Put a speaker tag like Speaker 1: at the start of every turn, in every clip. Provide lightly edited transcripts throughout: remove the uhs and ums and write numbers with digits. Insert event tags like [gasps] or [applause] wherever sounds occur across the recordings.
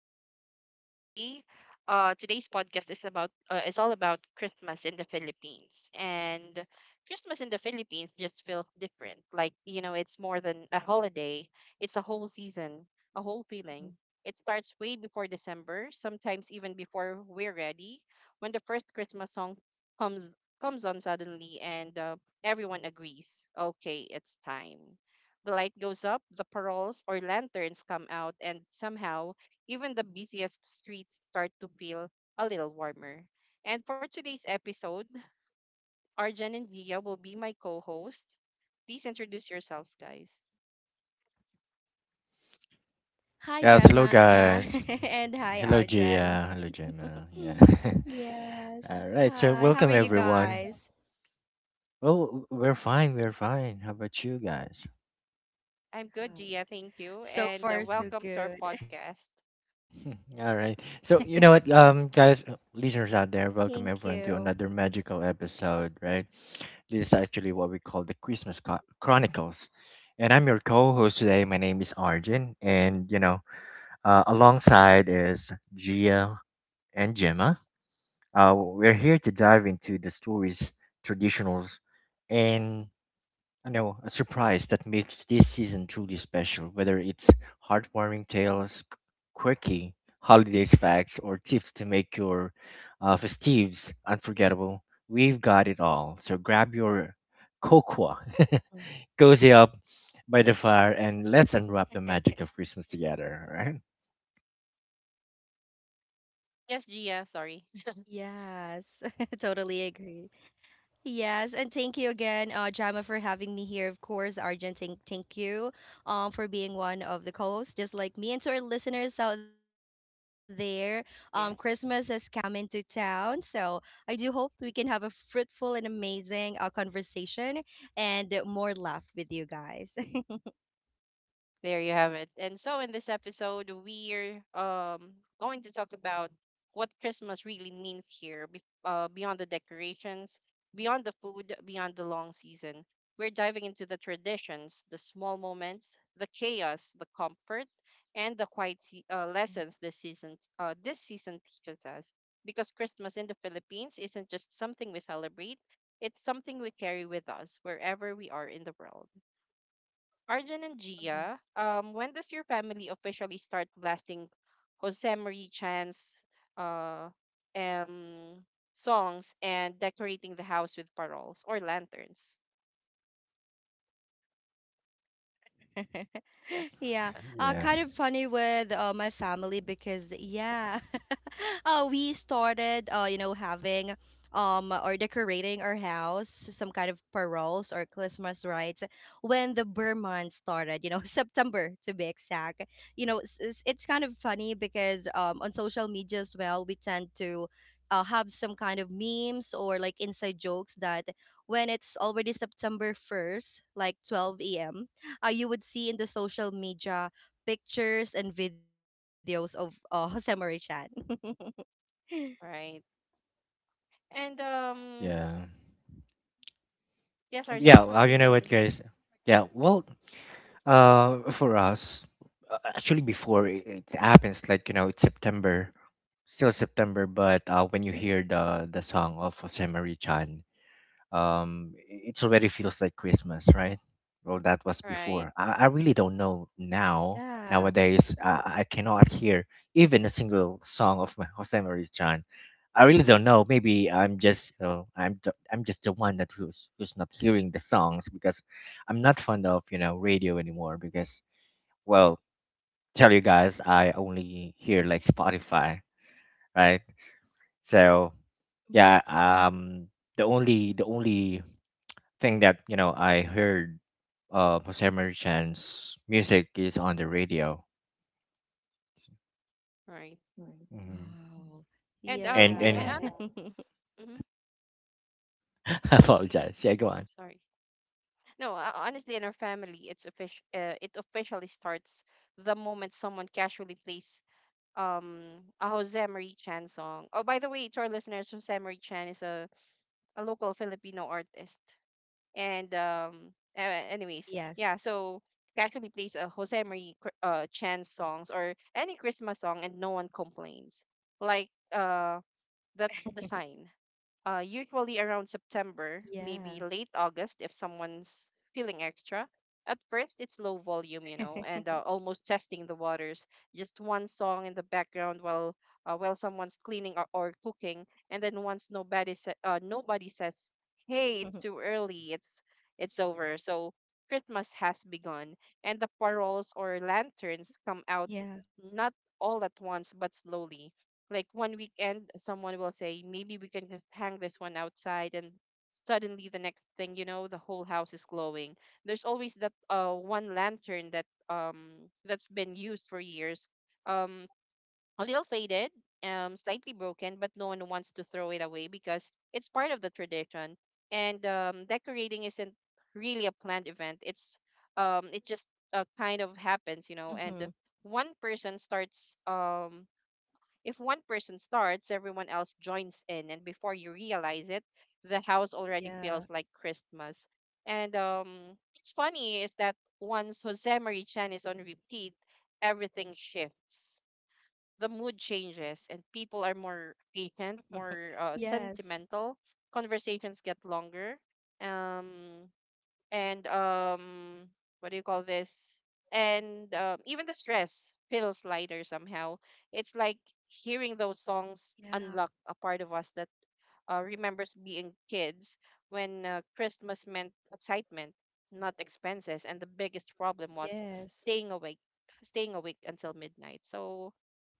Speaker 1: everyone, and today, today's podcast is about is all about Christmas in the Philippines. And Christmas in the Philippines just feels different. Like you know, it's more than a holiday; it's a whole season, a whole feeling. It starts way before December, sometimes even before we're ready. When the first Christmas song comes comes on suddenly, and everyone agrees, okay, it's time. The light goes up, the paroles or lanterns come out, and somehow even the busiest streets start to feel a little warmer. And for today's episode, Arjan and Gia will be my co host. Please introduce yourselves, guys.
Speaker 2: Hi,
Speaker 3: Yes, hello
Speaker 2: Gemma. [laughs]
Speaker 3: guys.
Speaker 2: And hi,
Speaker 3: Hello
Speaker 2: Arjan.
Speaker 3: Gia. Hello Gemma. Yeah.
Speaker 2: Yes.
Speaker 3: [laughs] All right.
Speaker 2: Hi.
Speaker 3: So
Speaker 2: How are you
Speaker 3: welcome everyone.
Speaker 2: guys?
Speaker 3: Well, we're fine. We're fine. How about you guys?
Speaker 1: I'm good, Gia.
Speaker 2: Wow.
Speaker 1: Thank you.
Speaker 2: So
Speaker 1: And
Speaker 2: far,
Speaker 3: Mhm.
Speaker 2: so
Speaker 1: welcome to our
Speaker 2: good.
Speaker 1: podcast.
Speaker 3: [laughs] All right. So you know what,
Speaker 2: [laughs]
Speaker 3: um,
Speaker 2: Thank
Speaker 3: guys, uh,
Speaker 2: you.
Speaker 3: listeners out there, welcome everyone to another magical episode. Right. This is actually what we call the Chronicles, and I'm your co-host today. My name is Arjun, and you know, alongside is Gia and Gemma. We're here to dive into the stories, traditionals, and I know a surprise that makes this season truly special. Whether it's heartwarming tales, quirky holidays facts, or tips to make your festives unforgettable, we've got it all. So grab your cocoa, [laughs] cozy up by the fire, and let's
Speaker 2: [laughs]
Speaker 3: unwrap the magic of Christmas together. Right?
Speaker 1: Yes, Gia. Sorry.
Speaker 2: Yes.
Speaker 1: [laughs]
Speaker 2: [laughs] Totally agree. Yes, and thank you again, Jama, for having me here. Of course, Arjun, thank you for being one of the co-hosts, just like me. And to our listeners out there, Christmas has come into
Speaker 1: Yes.
Speaker 2: town, so I do hope we can have a fruitful and amazing conversation and more laugh with you guys. [laughs]
Speaker 1: There you have it. And so in this episode, we're going to talk about what Christmas really means here, beyond the decorations, beyond the food, beyond the long season. We're diving into the traditions, the small moments, the chaos, the comfort, and the quiet lessons this season teaches us. Because Christmas in the Philippines isn't just something we celebrate; it's something we carry with us wherever we are in the world.
Speaker 2: Mhm.
Speaker 1: Arjun and Gia, when does your family officially start blasting Jose Marie Chan's uh, um, songs and decorating the house with paroles or lanterns?
Speaker 2: [laughs] Yeah, kind of
Speaker 1: Yes,
Speaker 2: funny with
Speaker 3: Yeah,
Speaker 2: my family because, yeah, [laughs] we started having or decorating our house some kind of paroles or Christmas rites when the Burr month started, [laughs] September to be exact. It's kind of funny because on social media as well we tend to have some kind of memes or like inside jokes that when it's already September 1st, like 12 a.m., you would see in the social media pictures and videos of Jose Marichan. [laughs]
Speaker 1: right. And
Speaker 3: yeah,
Speaker 1: yes, Arjun,
Speaker 3: Yeah.
Speaker 1: want to say
Speaker 3: You know what,
Speaker 1: something?
Speaker 3: guys? Yeah. Well, for us, actually, before it happens, it's September, still September, but when you hear the song of Jose Marie Chan, it already feels like Christmas, right? Well, that was
Speaker 1: Right,
Speaker 3: before. I really don't know now.
Speaker 2: Yeah.
Speaker 3: Nowadays, I cannot hear even a single song of my Jose Maria Chan. I really don't know. Maybe I'm just the one that who's who's not hearing the songs because I'm not fond of, you know, radio anymore because, well, tell you guys, I only hear like Spotify, right? So
Speaker 2: Mhm.
Speaker 3: yeah. The only thing that, you know, I heard, Jose Marichan's music is on the radio.
Speaker 1: right.
Speaker 3: Hmm.
Speaker 2: Wow.
Speaker 1: And
Speaker 3: and
Speaker 1: um,
Speaker 3: and and
Speaker 2: Yeah. [laughs]
Speaker 1: and, mm
Speaker 3: [laughs] I apologize. Yeah, go on.
Speaker 1: sorry. No, honestly, in our family, it's official. It officially starts the moment someone casually plays a Jose Marie Chan song. Oh, by the way, to our listeners, Jose Marie Chan is a local Filipino artist. And
Speaker 2: Yes.
Speaker 1: anyways, yeah, so he actually plays a Jose Marie Chan songs or any Christmas song and no one complains. Like that's the sign usually around September,
Speaker 2: Yeah.
Speaker 1: maybe late August if someone's feeling extra. At first, it's low volume, you know,
Speaker 2: [laughs]
Speaker 1: and almost testing the waters. Just one song in the background while someone's cleaning or cooking, and then once nobody says, "Hey, it's too early. It's over." So Christmas has begun, and the paroles or lanterns come out
Speaker 2: Yeah.
Speaker 1: not all at once but slowly, like one weekend, someone will say, maybe we can just hang this one outside. And suddenly, the next thing you know, the whole house is glowing. There's always that one lantern that that's been used for years, um a little faded, slightly broken, but no one wants to throw it away because it's part of the tradition. And decorating isn't really a planned event. It just kind of happens, you know.
Speaker 2: Hmm.
Speaker 1: And one person starts if one person starts, everyone else joins in, and before you realize it, the house already
Speaker 2: Yeah.
Speaker 1: feels like Christmas. And what's funny is that once Jose Marichan is on repeat, everything shifts. The mood changes, and people
Speaker 2: [laughs]
Speaker 1: are more
Speaker 2: Yes.
Speaker 1: patient, more sentimental. Conversations get longer. Um, and what do you call this and Even the stress feels lighter somehow. It's like hearing those
Speaker 2: Yeah.
Speaker 1: songs unlock a part of us that remembers being kids when christmas meant excitement, not expenses, and the biggest problem was
Speaker 2: Yes.
Speaker 1: staying awake staying awake until midnight. so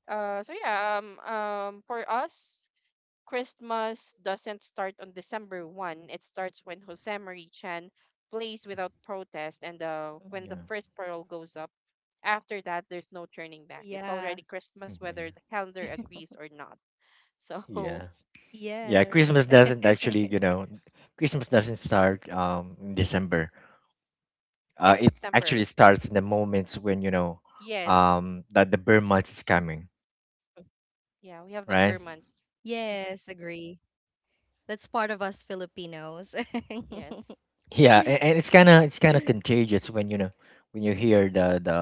Speaker 1: uh so yeah um um for us, Christmas doesn't start on December 1st. It starts when Jose Marichan plays without protest
Speaker 2: Mhm.
Speaker 1: and when the
Speaker 3: Yeah,
Speaker 1: first pearl goes up. After that, there's no turning
Speaker 2: Yeah.
Speaker 1: back. It's already Christmas
Speaker 3: [laughs]
Speaker 1: whether
Speaker 3: yeah,
Speaker 1: the calendar
Speaker 2: [laughs]
Speaker 1: agrees or not. So,
Speaker 3: yeah, yeah.
Speaker 1: [laughs]
Speaker 2: Yes.
Speaker 1: right.
Speaker 2: [laughs]
Speaker 3: Christmas doesn't start in December.
Speaker 1: It's
Speaker 3: It
Speaker 1: September.
Speaker 3: actually starts in the moments when, you know,
Speaker 1: Yes.
Speaker 3: that the bear month is coming,
Speaker 1: Yeah, we have the
Speaker 3: right?
Speaker 1: Burmans.
Speaker 2: Yes. Agree. That's part of us Filipinos. [laughs]
Speaker 1: Yes.
Speaker 3: Yeah, and it's kind of contagious when you know, when you hear the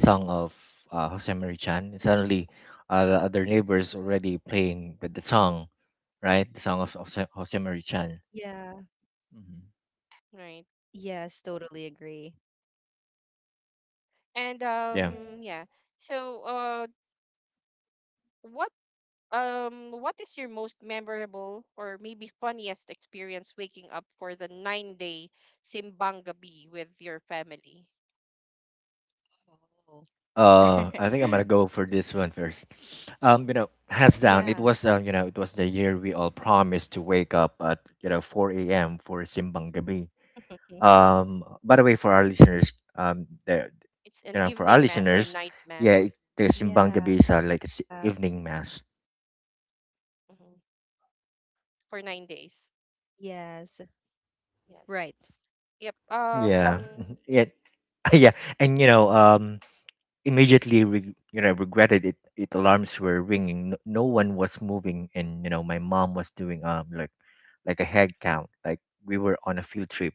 Speaker 3: song of Jose Marie Chan. Suddenly, the other neighbors already playing the song, right? The song of Jose Marie Chan.
Speaker 2: Yeah.
Speaker 3: Mhm.
Speaker 1: Right.
Speaker 2: Yes, totally agree.
Speaker 1: And
Speaker 3: Yeah. Yeah.
Speaker 1: yeah. So what what is your most memorable or maybe funniest experience waking up for the 9 day simbang gabi with your family?
Speaker 2: Oh.
Speaker 3: I think I'm gonna
Speaker 2: [laughs]
Speaker 3: go for this one first. You know, hands
Speaker 2: Yeah.
Speaker 3: down, it was, it was the year we all promised to wake up at, you know, 4 a.m. for Simbang Gabi.
Speaker 2: [laughs]
Speaker 3: By the way, for our listeners, there,
Speaker 1: It's an
Speaker 3: you know, for our
Speaker 1: evening mass or
Speaker 3: listeners,
Speaker 1: night
Speaker 3: yeah,
Speaker 1: mass.
Speaker 3: it, the Simbang Gabi is,
Speaker 2: Yeah.
Speaker 3: like, it's evening mass.
Speaker 1: Mhm, for 9 days.
Speaker 2: Yes. Right.
Speaker 1: Yes, yep.
Speaker 3: Yeah,
Speaker 1: um
Speaker 3: mhm, yeah, [laughs] yeah, and you know, Immediately you know, regretted it. It alarms were ringing, no one was moving, and you know, my mom was doing like a head count, like we were on a field trip.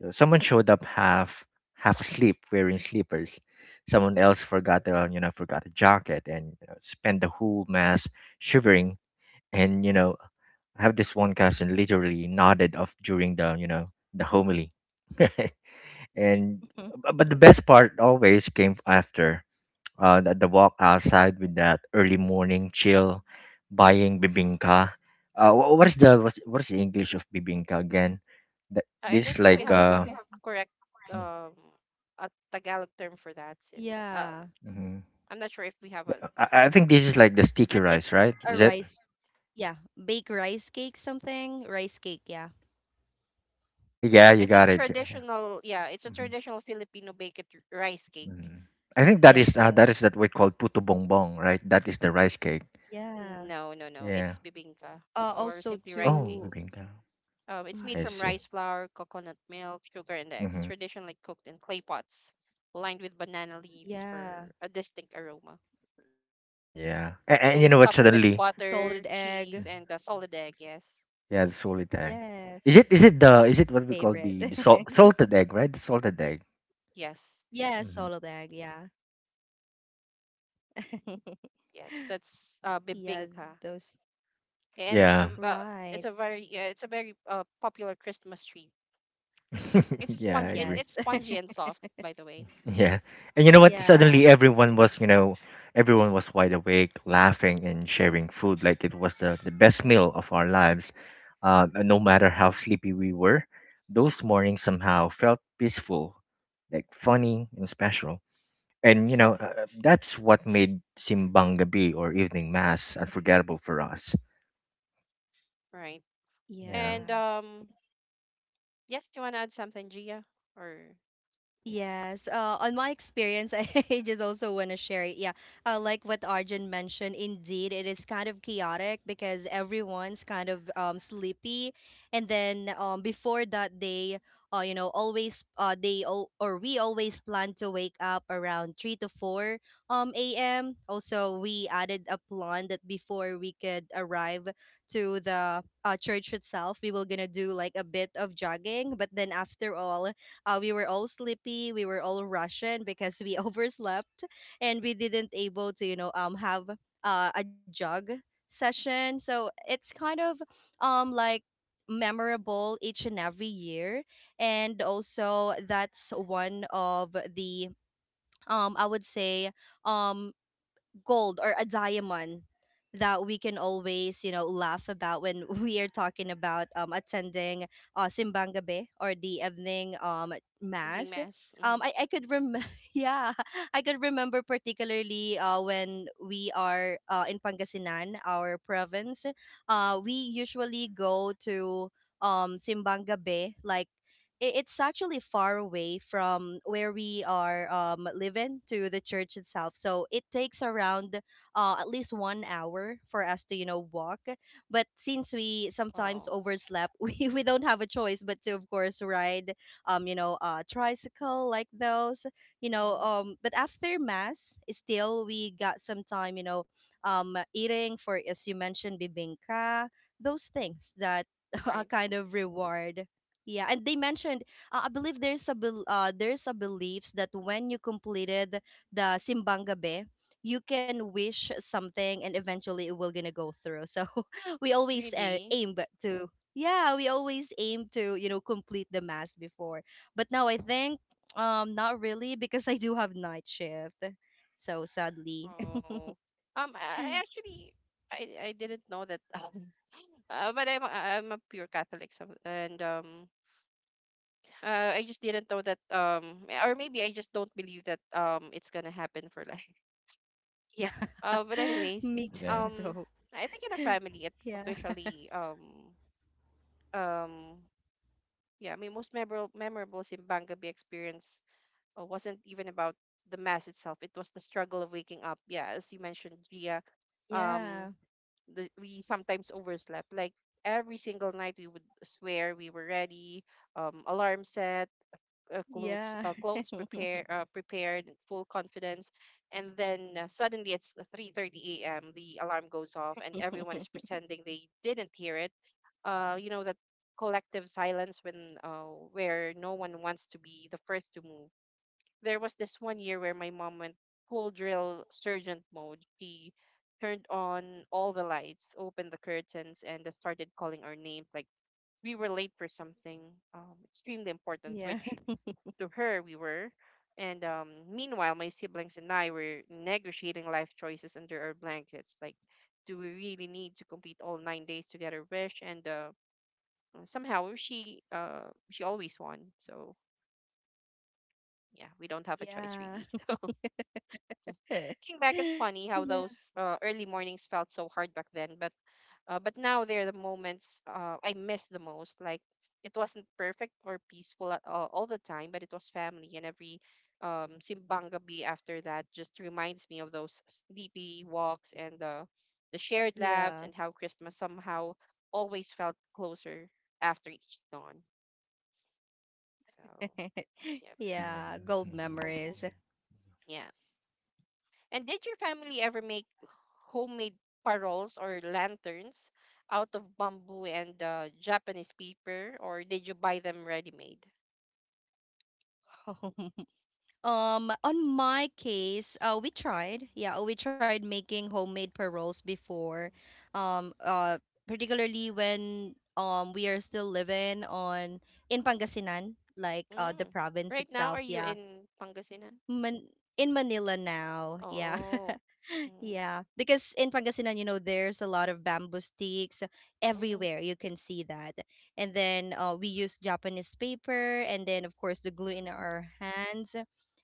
Speaker 3: So someone showed up half asleep wearing sleepers. Someone else forgot a, you know, forgot a jacket and, you know, spent the whole mass shivering. And you know, I have this one cousin literally nodded off during the, you know, the homily. [laughs] And but the best part always came after, the walk outside with that early morning chill, buying bibingka. What is what's the English of bibingka again? That
Speaker 1: i
Speaker 3: this
Speaker 1: don't
Speaker 3: is
Speaker 1: think we
Speaker 3: like,
Speaker 1: have a
Speaker 2: Mhm.
Speaker 1: correct um a tagalog term for that, since
Speaker 2: Yeah.
Speaker 3: mm-hmm.
Speaker 1: I'm not sure if we have a,
Speaker 3: I think this is like the sticky
Speaker 2: But
Speaker 3: rice,
Speaker 2: it's
Speaker 3: right? Is
Speaker 2: a
Speaker 3: it?
Speaker 2: rice. Yeah. Bake rice cake something. Rice cake. Yeah.
Speaker 3: Yeah, you
Speaker 1: it's a
Speaker 3: got it.
Speaker 1: traditional, yeah, it's a
Speaker 3: Hmm.
Speaker 1: traditional filipino baked rice cake.
Speaker 3: Hmm. I think that is,
Speaker 2: Yes.
Speaker 3: that is
Speaker 2: Yes.
Speaker 3: that we call puto bongbong, right? That is the rice cake.
Speaker 2: Yeah.
Speaker 1: No, no, no,
Speaker 3: Yeah.
Speaker 1: it's bibingka or simply
Speaker 2: Also
Speaker 1: rice
Speaker 3: Oh,
Speaker 1: cake.
Speaker 2: to.
Speaker 3: bibingka.
Speaker 1: It's made
Speaker 3: I
Speaker 1: from
Speaker 3: see.
Speaker 2: Hmm.
Speaker 1: rice flour, coconut milk, sugar, and eggs,
Speaker 3: Hmm.
Speaker 1: traditionally cooked in clay pots lined with banana leaves for a
Speaker 2: Yeah.
Speaker 1: distinct aroma.
Speaker 2: Salted
Speaker 3: Yeah.
Speaker 2: egg.
Speaker 3: And
Speaker 1: And
Speaker 3: you know
Speaker 1: it's
Speaker 3: what?
Speaker 1: topped with
Speaker 3: Suddenly,
Speaker 1: butter, cheese,
Speaker 3: mm-hmm.
Speaker 1: and a solid egg. Yes,
Speaker 2: Yes,
Speaker 3: Yeah, the solid egg. Is it is it
Speaker 2: favorite.
Speaker 3: the is it what we
Speaker 2: [laughs]
Speaker 3: call the salted egg, right? The salted egg.
Speaker 2: Yeah,
Speaker 1: yes,
Speaker 2: Solodeg,
Speaker 3: Hmm.
Speaker 2: yeah. [laughs]
Speaker 1: yes. That's
Speaker 2: Yeah,
Speaker 1: bibingka,
Speaker 2: those.
Speaker 1: and it's the
Speaker 3: Yeah.
Speaker 1: it's
Speaker 2: Right.
Speaker 1: a very it's a very popular Christmas treat. [laughs] It's
Speaker 3: [laughs]
Speaker 1: a
Speaker 3: Yeah, I
Speaker 1: spongy. It,
Speaker 3: agree.
Speaker 1: it's
Speaker 2: Yes.
Speaker 1: spongy
Speaker 2: [laughs]
Speaker 1: and soft, by the way.
Speaker 3: Yeah. And you know what? Suddenly
Speaker 2: Yeah.
Speaker 3: everyone was, you know, everyone was wide awake, laughing and sharing food like it was the best meal of our lives. And no matter how sleepy we were, those mornings somehow felt peaceful, like funny and special. And you know, that's what made Simbang Gabi or evening mass unforgettable for us.
Speaker 1: Right.
Speaker 3: Yeah.
Speaker 1: And
Speaker 2: Yeah.
Speaker 1: yes, you want to add something, Gia, or
Speaker 2: Yes, on my experience, [laughs] I just also want to share it. Yeah, like what Arjun mentioned, indeed, it is kind of chaotic because everyone's kind of sleepy, and then before that, they, always, they all or we always plan to wake up around 3 to 4 a.m. Also, we added a plan that before we could arrive to the church itself, we were gonna do like a bit of jogging, but then after all. We were all sleepy. We were all rushing because we [laughs] overslept and we didn't able to, have a jog session. So it's kind of like memorable each and every year, and also that's one of the I would say um gold or a diamond that we can always, you know, laugh about when [laughs] we are talking about attending simbang gabi or the evening
Speaker 1: evening
Speaker 2: mass.
Speaker 1: mass. Mm-hmm.
Speaker 2: I could rem [laughs] yeah, I could remember particularly when we are in Pangasinan, our province. We usually go to simbang gabi like it's actually far away from where we are living to the church itself. So it takes around at least 1 hour for us to, you know, walk. But since we sometimes
Speaker 1: Wow.
Speaker 2: overslept, [laughs] we don't have a choice but to, of course, ride, tricycle like those, you know.
Speaker 1: Mm-hmm.
Speaker 2: But after mass, still we got some time, eating for, as you mentioned, bibingka, those things that [laughs] a
Speaker 1: Right.
Speaker 2: kind of reward. Yeah, and they mentioned, I believe there's a bel there's a beliefs that when you completed the simbang gabi, you can wish something and eventually it will gonna go through. So [laughs] we always,
Speaker 1: Really?
Speaker 2: to, yeah, we always aim to, you know, complete the mass before. But now I think, not really, because I do have night shift. So sadly,
Speaker 1: Oh. I actually I I didn't know that. [laughs] But I'm a pure Catholic, so, and I just didn't know that. Or maybe I just don't believe that. It's gonna happen for life. [laughs]
Speaker 2: [laughs] yeah.
Speaker 1: But
Speaker 2: [laughs]
Speaker 1: anyways,
Speaker 2: Me
Speaker 3: Yeah.
Speaker 2: too,
Speaker 1: um,
Speaker 2: though.
Speaker 1: I think in a family, it
Speaker 2: Yeah. [laughs]
Speaker 1: officially um yeah, my most memorable Simbangabi experience wasn't even about the mass itself. It was the struggle of waking up. Yeah, as you mentioned, Gia. Um,
Speaker 2: Yeah.
Speaker 1: the, we sometimes overslept. Like every single night, we would swear we were ready, alarm set,
Speaker 2: Yeah.
Speaker 1: clothes prepared, in full confidence, and then suddenly it's 3:30 a.m. The alarm goes off, and everyone is
Speaker 2: [laughs]
Speaker 1: pretending they didn't hear it. You know that collective silence when where no one wants to be the first to move. There was this one year where my mom went full drill sergeant mode. She turned on all the lights, opened the curtains, and started calling our names. Like we were late for something extremely important,
Speaker 2: Yeah.
Speaker 1: which to her we were. And meanwhile, my siblings and I were negotiating life choices under our blankets. Like, do we really need to complete all 9 days together? Wish and somehow she always won. So yeah, we don't
Speaker 2: [laughs]
Speaker 1: have a choice
Speaker 2: Yeah.
Speaker 1: really. [laughs] So
Speaker 2: [laughs]
Speaker 1: looking back, it's funny how
Speaker 2: Yeah.
Speaker 1: those early mornings felt so hard back then, but now they're the moments I miss the most. Like it wasn't perfect or peaceful at all the time, but it was family, and every simbang gabi after that just reminds me of those sleepy walks and the shared laughs
Speaker 2: Yeah.
Speaker 1: and how Christmas somehow always felt closer after each dawn. So
Speaker 2: [laughs]
Speaker 1: yeah,
Speaker 2: Yeah, gold
Speaker 3: Yeah. [laughs]
Speaker 2: memories.
Speaker 1: yeah. And did your family ever make homemade paroles or lanterns out of bamboo and Japanese paper, or did you buy them ready-made?
Speaker 2: [laughs] On my case, we tried. Yeah, we tried making homemade paroles before. Um uh Particularly when we are still living on in Pangasinan, like the
Speaker 1: Mm.
Speaker 2: province
Speaker 1: Right now, are
Speaker 2: itself.
Speaker 1: you
Speaker 2: Yeah.
Speaker 1: in Pangasinan?
Speaker 2: Man- in Manila now. Yeah.
Speaker 1: Oh.
Speaker 2: [laughs]
Speaker 1: Mm-hmm,
Speaker 2: Yeah. Because in Pangasinan, you know, there's a lot of bamboo sticks
Speaker 1: mm-hmm,
Speaker 2: everywhere. You can see that. And then, we use Japanese paper and then, of course, the glue in
Speaker 1: mm-hmm,
Speaker 2: our hands.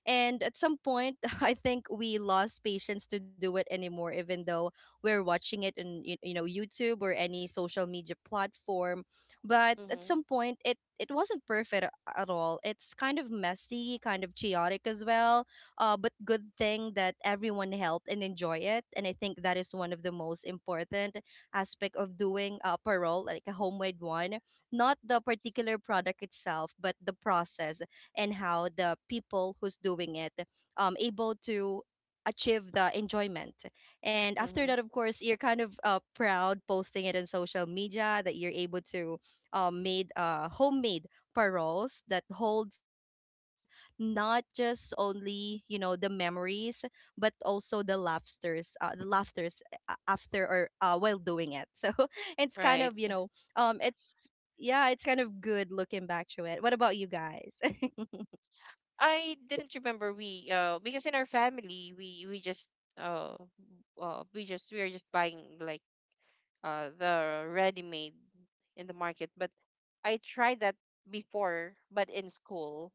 Speaker 2: And at some point, [laughs] I think we lost patience to do it anymore, even though we're watching it in, YouTube or any social media platform. But at
Speaker 1: mm-hmm.
Speaker 2: some point, it wasn't perfect at all. It's kind of messy, kind of chaotic as well. But good thing that everyone helped and enjoy it. And I think that is one of the most important aspect of doing a parole, like a homemade one. Not the particular product itself, but the process and how the people who's doing it able to achieve the enjoyment, and after
Speaker 1: Mm-hmm.
Speaker 2: that, of course, you're kind of, proud posting it on social media that you're able to, made homemade paroles that holds not just only, the memories, but also the laughters, after or while doing it, so [laughs] it's kind of,
Speaker 1: Right.
Speaker 2: it's, yeah, it's kind of good looking back to it. What about you guys? [laughs]
Speaker 1: I didn't remember we because in our family we just uh we are just buying like the ready made in the market. But I tried that before, but in school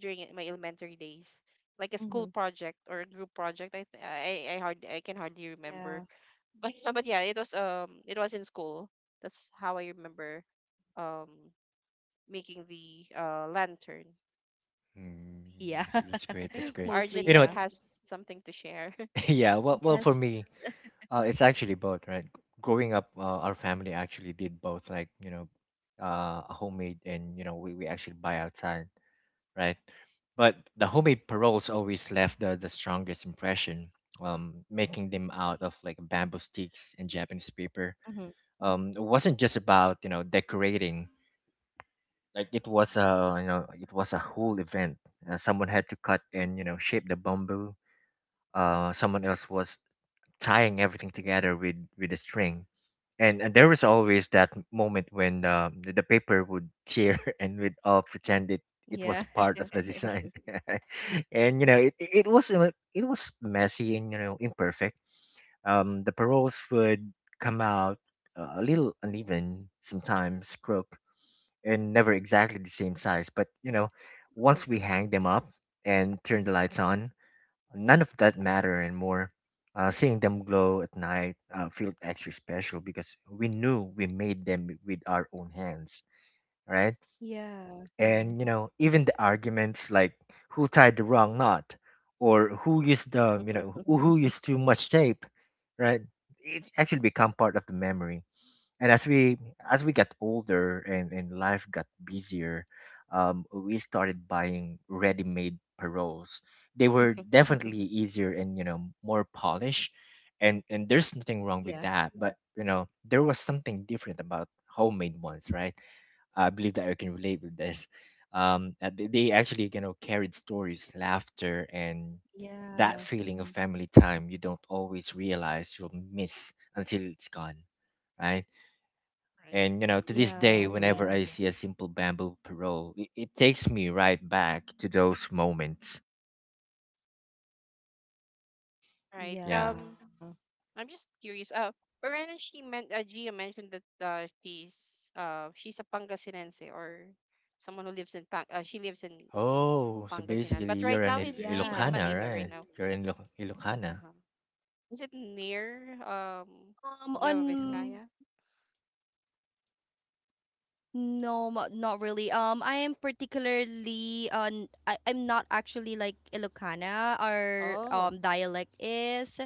Speaker 1: during my elementary days, like a
Speaker 2: Hmm.
Speaker 1: school project or a group project. I th- I hard I can hardly
Speaker 2: Yeah.
Speaker 1: remember, but [laughs] but yeah, it was in school. That's how I remember um making the lantern.
Speaker 3: Mm,
Speaker 2: Yeah.
Speaker 3: I see, that's
Speaker 2: [laughs]
Speaker 1: I
Speaker 3: great. That's
Speaker 1: think
Speaker 3: great.
Speaker 2: Mostly,
Speaker 3: You know
Speaker 1: Arjun
Speaker 3: what?
Speaker 2: yeah.
Speaker 1: has something to share. [laughs]
Speaker 3: [laughs] Yeah. Well, for
Speaker 2: Yes.
Speaker 3: me, it's actually both, right? Growing up, our family actually did both, like you know, homemade and, you know, we actually buy outside, right? But the homemade paroles always left the strongest impression. Making them out
Speaker 1: Mhm.
Speaker 3: of like bamboo sticks and Japanese paper.
Speaker 2: Hmm.
Speaker 3: It wasn't just about, you know, decorating. Like it was a, you know, it was a whole event. Someone had to cut and, you know, shape the bamboo. Someone else was tying everything together with a string. And and, there was always that moment when, the paper would tear [laughs] and we'd all pretend
Speaker 2: Yeah.
Speaker 3: it was part of the
Speaker 2: [laughs]
Speaker 3: design. [laughs] And you know it was, it was messy and, you know, imperfect. The paroles would come out, a little uneven, sometimes crooked, and never exactly the same size. But you know,
Speaker 2: Mhm.
Speaker 3: once we hang them up and turn the lights on, none of that matter anymore. Seeing them glow at night, felt extra special because we knew we made them with our own hands, right?
Speaker 2: Yeah.
Speaker 3: And you know, even the arguments, like who tied the wrong knot or who used the, you know,
Speaker 2: [laughs]
Speaker 3: who used too much tape, right? It actually become part of the memory. And as we, as we got older and life got busier, we started buying ready-made paroles. They were definitely easier and, you know, more polished, and there's nothing
Speaker 2: Yeah,
Speaker 3: wrong with that, but you know, there was something different about homemade ones, right? I believe that I can relate with this. They they actually, you know, carried stories, laughter, and that
Speaker 2: yeah,
Speaker 3: feeling of family time you don't always realize you'll miss until it's gone, right?
Speaker 1: Right.
Speaker 3: And you know, to
Speaker 2: yeah,
Speaker 3: this day,
Speaker 2: agree.
Speaker 3: whenever I see a simple bamboo parole, it takes me right back to those moments.
Speaker 1: Right.
Speaker 3: Yeah.
Speaker 2: Yeah,
Speaker 1: I'm just curious. Perena, she meant Gia mentioned that she's a Pangasinense or someone who lives in Pang. She lives in
Speaker 3: Oh, so
Speaker 1: Pangasinan,
Speaker 3: basically,
Speaker 1: but right
Speaker 3: you're an
Speaker 1: now he's she's in
Speaker 3: Ilocana,
Speaker 2: yeah.
Speaker 1: Manila right
Speaker 3: right?
Speaker 1: now.
Speaker 3: You're in Ilocana,
Speaker 1: Uh, is it near Nueva
Speaker 2: On
Speaker 1: Vizcaya?
Speaker 2: no, mo- Not really. I am particularly on. I'm not actually like Ilocana. Our
Speaker 1: Oh,
Speaker 2: dialect is,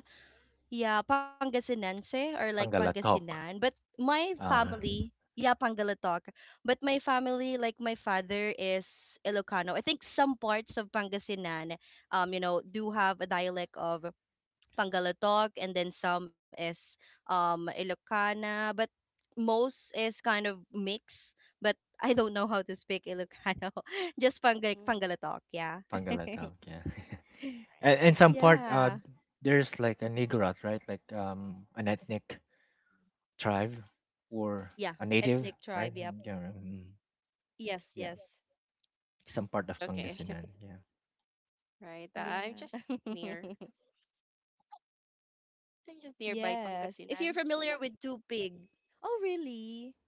Speaker 2: yeah, Pangasinense or like
Speaker 3: Pangalatok.
Speaker 2: Pangasinan. But my
Speaker 1: [laughs] mhm,
Speaker 3: Uh,
Speaker 2: family, yeah, Pangalatok. But my family, like my father, is Ilocano. I think some parts of Pangasinan, do have a dialect of Pangalatok, and then some is Ilocana, but most is kind of mix. But I don't know how to speak Ilocano, [laughs] just
Speaker 1: mm,
Speaker 2: Pangalatok, yeah.
Speaker 3: Pangalatok,
Speaker 2: [laughs]
Speaker 3: yeah. [laughs]
Speaker 1: right.
Speaker 3: And and some part,
Speaker 2: Yeah,
Speaker 3: there's like a Nigarot, right? Like, an ethnic tribe or
Speaker 2: yeah,
Speaker 3: a
Speaker 2: ethnic
Speaker 3: native,
Speaker 2: tribe,
Speaker 3: right?
Speaker 2: yep.
Speaker 3: Mm, yeah, right, mm,
Speaker 2: Yes,
Speaker 3: yeah.
Speaker 2: yes,
Speaker 3: Some part of
Speaker 1: Okay,
Speaker 3: Pangasinan, yeah.
Speaker 1: [laughs] right. I'm
Speaker 2: yeah.
Speaker 1: just near.
Speaker 2: [laughs]
Speaker 1: I'm just nearby
Speaker 2: Yes. If you're
Speaker 1: Pangasinan.
Speaker 2: familiar with Tupig. Oh, really?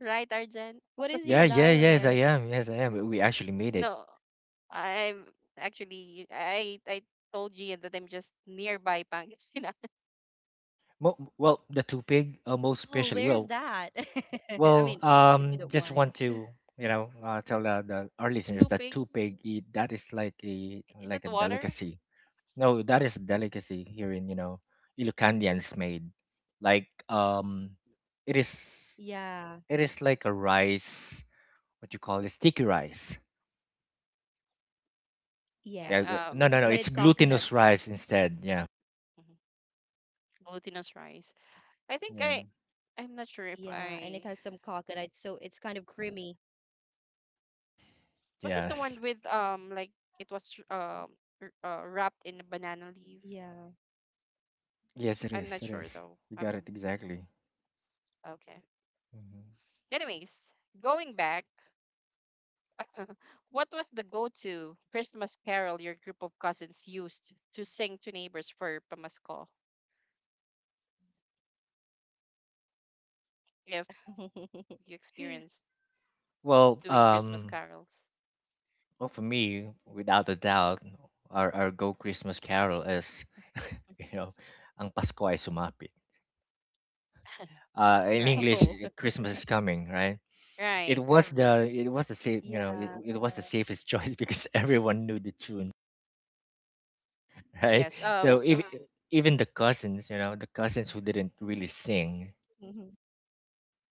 Speaker 1: Right, Arjan.
Speaker 2: What is
Speaker 3: Yeah,
Speaker 2: your
Speaker 3: yes, I
Speaker 2: dialect?
Speaker 3: am. Yes, I am. We actually made it.
Speaker 1: No, I'm I told you that I'm just nearby Pangasinan.
Speaker 3: Well, the
Speaker 2: Oh,
Speaker 3: tupig,
Speaker 2: where's
Speaker 3: most
Speaker 2: that?
Speaker 3: especially. Well,
Speaker 2: [laughs] I mean, if you
Speaker 3: well,
Speaker 2: don't mind.
Speaker 3: um, just want to, you know, tell the, our listeners that
Speaker 1: Tupig
Speaker 3: tupig that is like a,
Speaker 1: is
Speaker 3: like
Speaker 1: that
Speaker 3: a
Speaker 1: water?
Speaker 3: delicacy. No, that is a delicacy here in, you know, Ilocandians made. Like, it is
Speaker 2: Yeah.
Speaker 3: it is like a rice. What you call it? Sticky rice.
Speaker 2: Yes.
Speaker 3: Yeah.
Speaker 2: With
Speaker 1: Yeah,
Speaker 3: No, no,
Speaker 1: just
Speaker 3: no.
Speaker 1: like
Speaker 3: It's
Speaker 2: coconut.
Speaker 3: glutinous rice instead. Yeah.
Speaker 1: mhm, glutinous rice. I think
Speaker 2: Yeah,
Speaker 3: Yeah.
Speaker 1: I
Speaker 2: and it has some
Speaker 1: I'm not sure
Speaker 2: coconut,
Speaker 1: if
Speaker 2: so it's
Speaker 1: I,
Speaker 2: kind of creamy.
Speaker 1: was it the
Speaker 3: Yes.
Speaker 1: one with it was um wrapped in a banana
Speaker 2: Yeah.
Speaker 1: leaf.
Speaker 3: Yes, it
Speaker 1: I'm not
Speaker 3: is. It
Speaker 1: sure
Speaker 3: is.
Speaker 1: though.
Speaker 3: You got it exactly.
Speaker 1: Okay.
Speaker 3: Hmm.
Speaker 1: Anyways, going back, what was the go-to Christmas carol your group of cousins used to sing to neighbors for Pamasko? If
Speaker 2: [laughs]
Speaker 1: you experienced
Speaker 3: Well,
Speaker 1: doing Christmas carols,
Speaker 3: well, for me, without a doubt, our Go Christmas Carol is, [laughs] you know, Ang Pasko ay sumapit.
Speaker 1: [laughs]
Speaker 3: In
Speaker 1: right?
Speaker 2: Oh,
Speaker 3: English, eh, Christmas is coming, right? It
Speaker 1: Right.
Speaker 3: was
Speaker 1: Mhm.
Speaker 3: the, it was the safe, you know,
Speaker 2: yeah.
Speaker 3: it was the safest choice because [laughs] everyone knew the tune, [laughs] right?
Speaker 1: Yes.
Speaker 3: So even, even the cousins, you know, the cousins who didn't really sing,
Speaker 2: Mhm.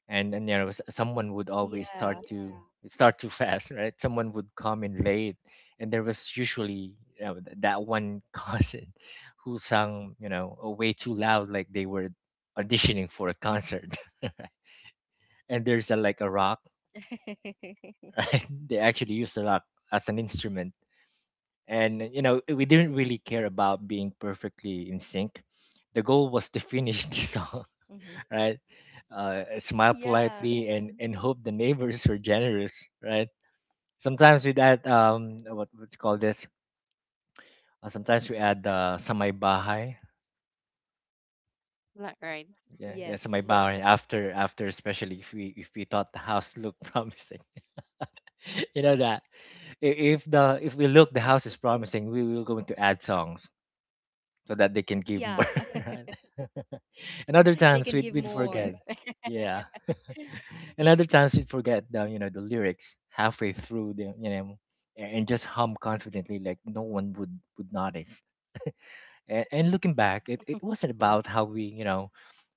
Speaker 3: and you know, someone would always
Speaker 2: Yeah.
Speaker 3: start too fast, right? Someone would come in late, and there was usually, you know, that one cousin [laughs] who sang, you know, way too loud, like they were auditioning for a concert. [laughs] And there's a like a rock.
Speaker 2: [laughs]
Speaker 3: [laughs] Right, they actually used a rock as an instrument. And you know, we didn't really care about being perfectly in sync. The goal was to finish [laughs] the
Speaker 2: Mhm.
Speaker 3: song, right? Smile
Speaker 2: Yeah.
Speaker 3: politely and hope the neighbors were generous, right? Sometimes we add, um, what you call this? Sometimes we add, sa may bahay.
Speaker 1: Black right.
Speaker 3: Yeah, yeah,
Speaker 2: Yes.
Speaker 3: sa may Yeah. bahay after after, especially if we, if we thought the house looked [laughs] promising. [laughs] You know that, if the if we look the house
Speaker 2: [laughs]
Speaker 3: is promising, we will going to add songs so that they can give
Speaker 2: Yeah.
Speaker 3: more. [laughs] Right? [laughs] And
Speaker 2: [laughs]
Speaker 3: other
Speaker 2: They can give
Speaker 3: times we'd
Speaker 2: more.
Speaker 3: forget.
Speaker 2: [laughs]
Speaker 3: Yeah. [laughs] And other times we'd forget the the lyrics halfway through the you know a- and just hum confidently like no one would notice. And looking back, it wasn't about how we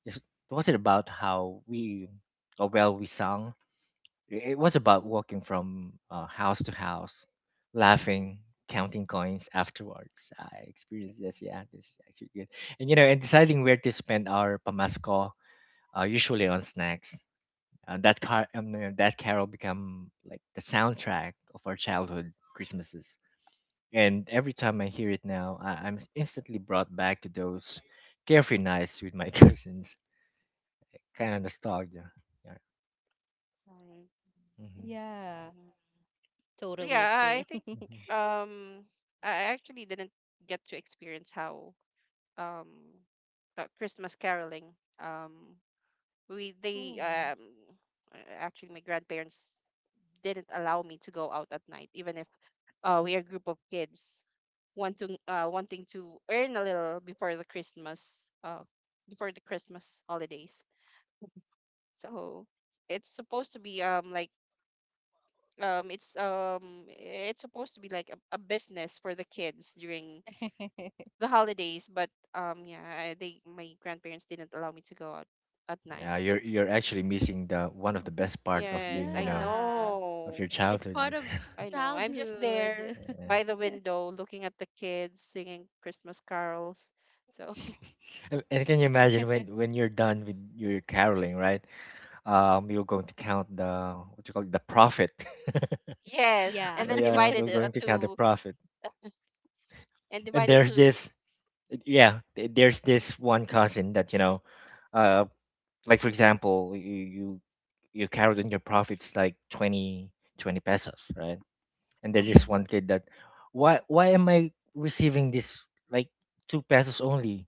Speaker 3: it's- it wasn't about how we or well we sung. It was about walking from house to house,
Speaker 1: Mm-hmm.
Speaker 3: laughing, counting coins afterwards. I experienced this. Yeah, this is actually good. And you know and deciding where to spend our pamasco, usually on snacks. That carol become like the soundtrack of our childhood Christmases. And every time I hear it now, I'm instantly brought back to those carefree nights with my [laughs] cousins. Kind of nostalgia. Yeah.
Speaker 1: Right.
Speaker 2: Yeah.
Speaker 3: hmm
Speaker 1: Mhm.
Speaker 2: Totally agree.
Speaker 1: Yeah,
Speaker 2: [laughs]
Speaker 1: I I think
Speaker 3: hmm
Speaker 1: um I actually didn't get to experience how um Christmas caroling. We
Speaker 2: Oh.
Speaker 1: they Actually my grandparents didn't allow me to go out at night even if we are a group of kids wanting to earn a little before the Christmas holidays. So it's supposed to be it's it's supposed to be like a business for the kids during
Speaker 2: [laughs]
Speaker 1: the holidays. But um yeah I, they my grandparents didn't allow me to go out at night.
Speaker 3: Yeah, you're actually missing the one of the best part of
Speaker 1: Yes,
Speaker 3: being, you
Speaker 1: I
Speaker 3: know,
Speaker 2: Yeah.
Speaker 3: of
Speaker 1: know.
Speaker 3: your
Speaker 2: It's part
Speaker 3: childhood.
Speaker 2: of
Speaker 3: [laughs]
Speaker 1: I know, I'm just
Speaker 2: childhood.
Speaker 1: there
Speaker 3: Yeah.
Speaker 1: by the
Speaker 2: [laughs]
Speaker 1: window looking at the kids singing Christmas carols. So
Speaker 3: And can you imagine when you're done with your caroling, right? You're going to count the, what you call it, the profit. [laughs]
Speaker 1: [laughs] yes,
Speaker 2: Yeah.
Speaker 1: and
Speaker 3: Oh,
Speaker 1: then
Speaker 3: yeah, we're
Speaker 1: divided
Speaker 3: going to count the
Speaker 1: to
Speaker 3: profit.
Speaker 1: uh, and
Speaker 3: And
Speaker 1: divided
Speaker 3: there's
Speaker 1: to.
Speaker 3: this, yeah, there's this one cousin that you know, uh, like for example, you carried in your profits like twenty pesos, right? And
Speaker 2: [laughs]
Speaker 3: they just
Speaker 2: Mhm.
Speaker 3: wanted that. Why am I receiving this like two pesos only?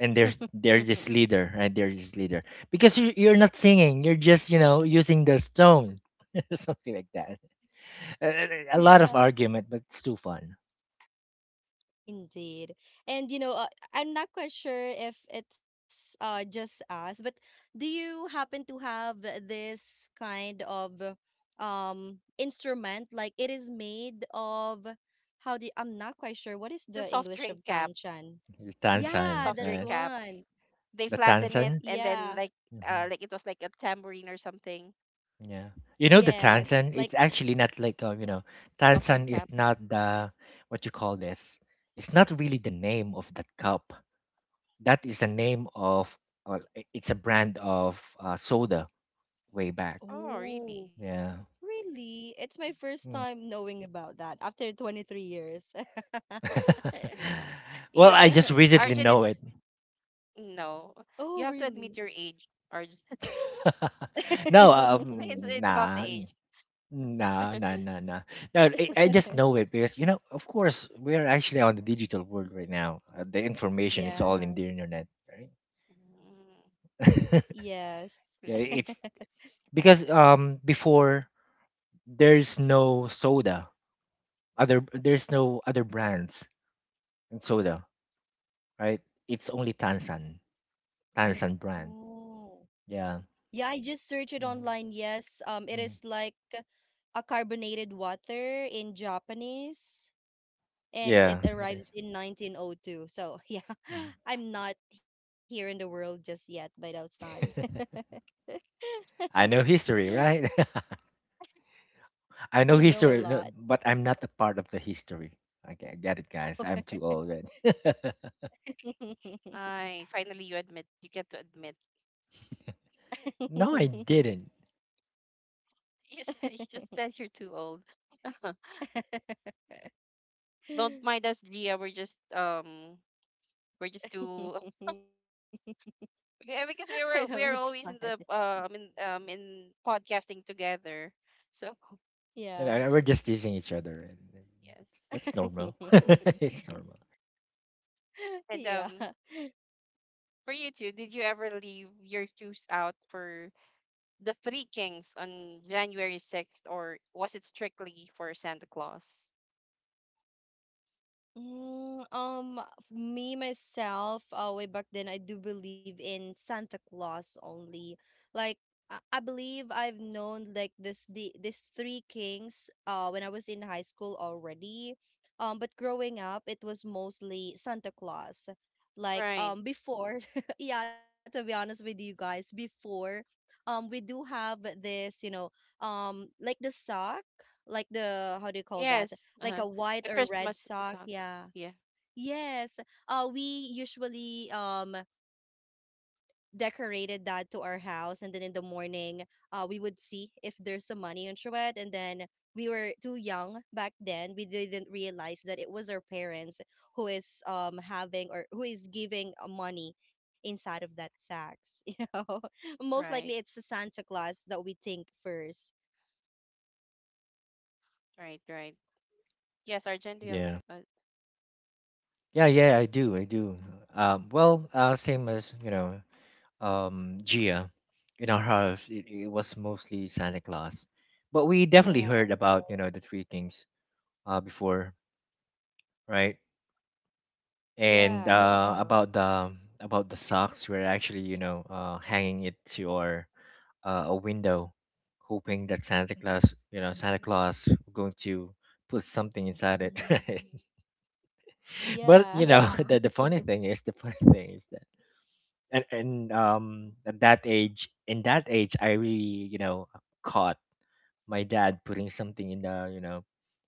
Speaker 3: And there's
Speaker 2: [laughs]
Speaker 3: this leader, right? There's this leader because you're not singing. You're just, you know, using the stone, [laughs] something like that. A lot of
Speaker 2: Yeah.
Speaker 3: argument, but it's too fun.
Speaker 2: Indeed. And, I'm not quite sure if it's just us, but do you happen to have this kind of instrument, like it is made of, how do I'm not quite sure what is
Speaker 1: It's a
Speaker 2: the
Speaker 1: soft
Speaker 2: English
Speaker 1: drink
Speaker 2: of
Speaker 1: cap.
Speaker 2: tanshan?
Speaker 3: The
Speaker 1: A
Speaker 2: Yeah,
Speaker 3: Tansan,
Speaker 1: soft
Speaker 2: that's
Speaker 1: drink
Speaker 3: right?
Speaker 1: cap,
Speaker 2: one.
Speaker 1: they
Speaker 3: The
Speaker 1: flatten it
Speaker 3: Tansan.
Speaker 2: Yeah.
Speaker 1: and then
Speaker 3: Mm-hmm.
Speaker 1: like it was like a tambourine or something.
Speaker 3: Yeah. You know the
Speaker 2: Yes. Like,
Speaker 3: tansan, it's actually not like,
Speaker 1: Soft drink
Speaker 3: tansan is
Speaker 1: cap.
Speaker 3: not the, what you call this. It's not really the name of that cup. That is the name of, well, it's a brand of soda way back.
Speaker 1: Oh,
Speaker 2: oh,
Speaker 1: really?
Speaker 3: Yeah.
Speaker 2: really? It's my first
Speaker 3: Mm.
Speaker 2: time knowing about that after 23 years. [laughs]
Speaker 3: [laughs]
Speaker 1: Yeah. You
Speaker 3: well,
Speaker 1: know,
Speaker 3: I
Speaker 1: because
Speaker 3: just recently
Speaker 1: Arjun
Speaker 3: know it.
Speaker 1: is, no,
Speaker 2: Oh,
Speaker 1: you have to
Speaker 2: really?
Speaker 1: admit your age, Arjun.
Speaker 3: [laughs] no,
Speaker 1: It's
Speaker 2: [laughs]
Speaker 1: about the
Speaker 3: nah.
Speaker 1: age.
Speaker 3: Nah, nah, nah, nah. No, I just know it because, you know, of course, we are actually on the digital world right now. The information is
Speaker 1: Oh,
Speaker 3: all in
Speaker 2: Yeah.
Speaker 3: the internet, right?
Speaker 1: mm,
Speaker 3: [laughs]
Speaker 2: Yes.
Speaker 3: yeah,
Speaker 1: really?
Speaker 3: it's because before there's no soda, other there's no other brands in soda, right? It's only Tansan, Tansan brand.
Speaker 2: Oh.
Speaker 3: Yeah.
Speaker 2: Yeah, I just searched it
Speaker 3: Mhm,
Speaker 2: online. Yes. It
Speaker 3: mhm.
Speaker 2: is like a carbonated water in Japanese and it
Speaker 3: Yeah, it
Speaker 2: arrives
Speaker 3: is.
Speaker 2: in 1902. So, [laughs] yeah.
Speaker 3: Mhm.
Speaker 2: I'm not here in the world just yet by that time. [laughs]
Speaker 3: [laughs] I know history, right? [laughs]
Speaker 2: You
Speaker 3: I
Speaker 2: know
Speaker 3: know
Speaker 2: a lot.
Speaker 3: history, no, but I'm not a part of the history. Okay, I get it, guys. I'm too old. Right? [laughs]
Speaker 1: I finally you admit you get to admit. [laughs]
Speaker 3: no, I didn't.
Speaker 1: You just said you're too old. [laughs] Don't
Speaker 2: [laughs] [laughs]
Speaker 1: mind us, Gia. We're just too.
Speaker 2: [laughs]
Speaker 1: [laughs]
Speaker 2: I
Speaker 1: Yeah,
Speaker 2: know
Speaker 1: because we
Speaker 2: it's
Speaker 1: were
Speaker 2: fun.
Speaker 1: we are always in the in podcasting together. So
Speaker 2: Yeah.
Speaker 3: You know, we're just teasing each other, and
Speaker 1: yes,
Speaker 3: that's normal. [laughs]
Speaker 2: [laughs]
Speaker 3: it's normal.
Speaker 1: and
Speaker 2: Yeah.
Speaker 1: for you too, did you ever leave your shoes out for the Three Kings on January 6th, or was it strictly for Santa Claus?
Speaker 2: Mm, f- me myself, way back then, I do believe in Santa Claus only. Like, I believe I've known like this the these Three Kings, when I was in high school already. But growing up, it was mostly Santa Claus. Like,
Speaker 1: Right.
Speaker 2: before, [laughs] yeah, to be honest with you guys, before, we do have this, like the sock, like the how do you call that?
Speaker 1: Yes.
Speaker 2: Like
Speaker 1: Uh-huh.
Speaker 2: a white
Speaker 1: The
Speaker 2: or red
Speaker 1: Christmas
Speaker 2: sock.
Speaker 1: socks.
Speaker 2: Yeah.
Speaker 1: Yeah.
Speaker 2: Yes. We usually decorated that to our house, and then in the morning, we would see if there's some money on Chouette, and then we were too young back then. We didn't realize that it was our parents who is having or who is giving money inside of that sacks. [laughs] You know, most likely it's
Speaker 1: Right.
Speaker 2: the Santa Claus that we think first.
Speaker 1: Right. Right. Yes, Argent, do you have
Speaker 3: Yeah.
Speaker 1: uh,
Speaker 3: Yeah, yeah, I do. I do. Well, same as, you know, Gia. In our house, it was mostly Santa Claus. But we definitely
Speaker 2: Yeah.
Speaker 3: heard about, you know, the three kings before, right? And
Speaker 2: Yeah.
Speaker 3: about the, socks, we're actually, you know, hanging it to our a window, hoping that Santa Claus, you know, Santa Claus going to put something inside it. [laughs]
Speaker 2: Hmm.
Speaker 3: right? But
Speaker 2: Yeah.
Speaker 3: you know [laughs] the funny thing is the funny [laughs] thing is that and at that age, I really, you know, caught my dad putting something in the, you know,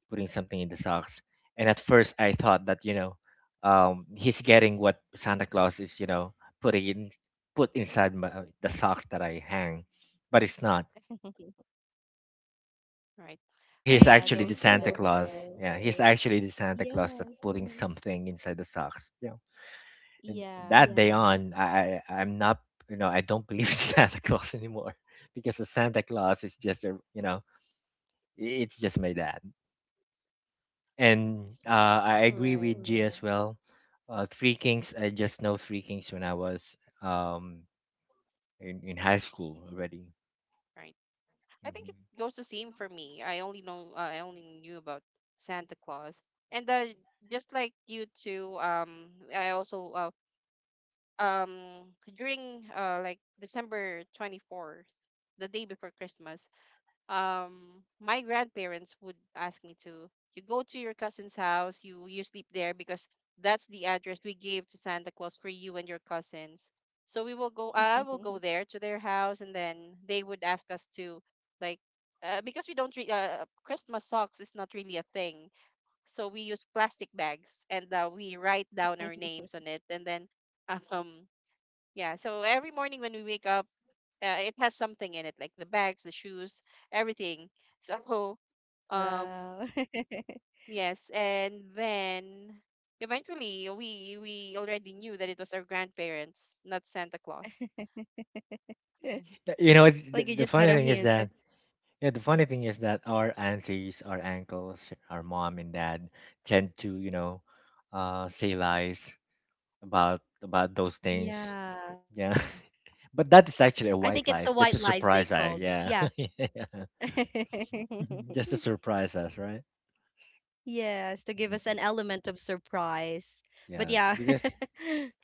Speaker 3: putting something in the socks. And at first I thought that, you know, he's getting what santa claus is, you know, putting in, put inside my, the socks that I hang, but it's not.
Speaker 2: [laughs]
Speaker 1: right.
Speaker 3: He's
Speaker 2: Yeah,
Speaker 1: I,
Speaker 3: actually
Speaker 2: those
Speaker 3: the santa claus.
Speaker 2: memories.
Speaker 3: Yeah, he's actually the santa claus that
Speaker 2: Yes.
Speaker 3: putting something inside the socks. Yeah, and
Speaker 2: Yeah,
Speaker 3: that day on I I'm not, you know, I don't believe [laughs] in santa claus anymore, because the santa claus is just a, you know, it's just my dad. And
Speaker 1: it's just
Speaker 3: I
Speaker 2: right.
Speaker 3: agree with G as well. Three Kings, I just know Three Kings when I was in high school already.
Speaker 1: right. I think it
Speaker 3: Mhm.
Speaker 1: goes the same for me. I only know I only knew about Santa Claus. And just like you two, I also um during December 24th, the day before Christmas, um my grandparents would ask me to, you go to your cousin's house, you sleep there, because that's the address we gave to Santa Claus for you and your cousins. So we will go, I
Speaker 2: [laughs]
Speaker 1: will go there to their house, and then they would ask us to like because we don't re- Christmas socks is not really a thing. So we use plastic bags and we write down our names on it, and then [laughs] um yeah, so every morning when we wake up, it has something in it, like the bags, the shoes, everything. So [laughs]
Speaker 2: Wow.
Speaker 1: um yes, and then eventually we already knew that it was our grandparents, not Santa Claus.
Speaker 2: [laughs]
Speaker 1: [laughs]
Speaker 3: You know,
Speaker 2: Like you just
Speaker 3: the
Speaker 2: got a
Speaker 3: funny thing is
Speaker 2: hint.
Speaker 3: that, yeah, the funny thing is that our aunties, our uncles, our mom and dad tend to, you know, say lies about those things.
Speaker 2: Yeah.
Speaker 3: Yeah, [laughs] but that
Speaker 2: I
Speaker 3: is
Speaker 2: think
Speaker 3: actually
Speaker 2: it's
Speaker 3: a
Speaker 2: a white
Speaker 3: white lie,
Speaker 2: lies
Speaker 3: just to
Speaker 2: they
Speaker 3: surprise
Speaker 2: called.
Speaker 3: us.
Speaker 2: Yeah.
Speaker 3: Yeah, [laughs]
Speaker 2: [laughs]
Speaker 3: yeah. [laughs] just to surprise us, right?
Speaker 2: Yes, to give us an
Speaker 3: Mhm.
Speaker 2: element of surprise. But
Speaker 3: Yes,
Speaker 2: yeah.
Speaker 3: because,
Speaker 2: [laughs]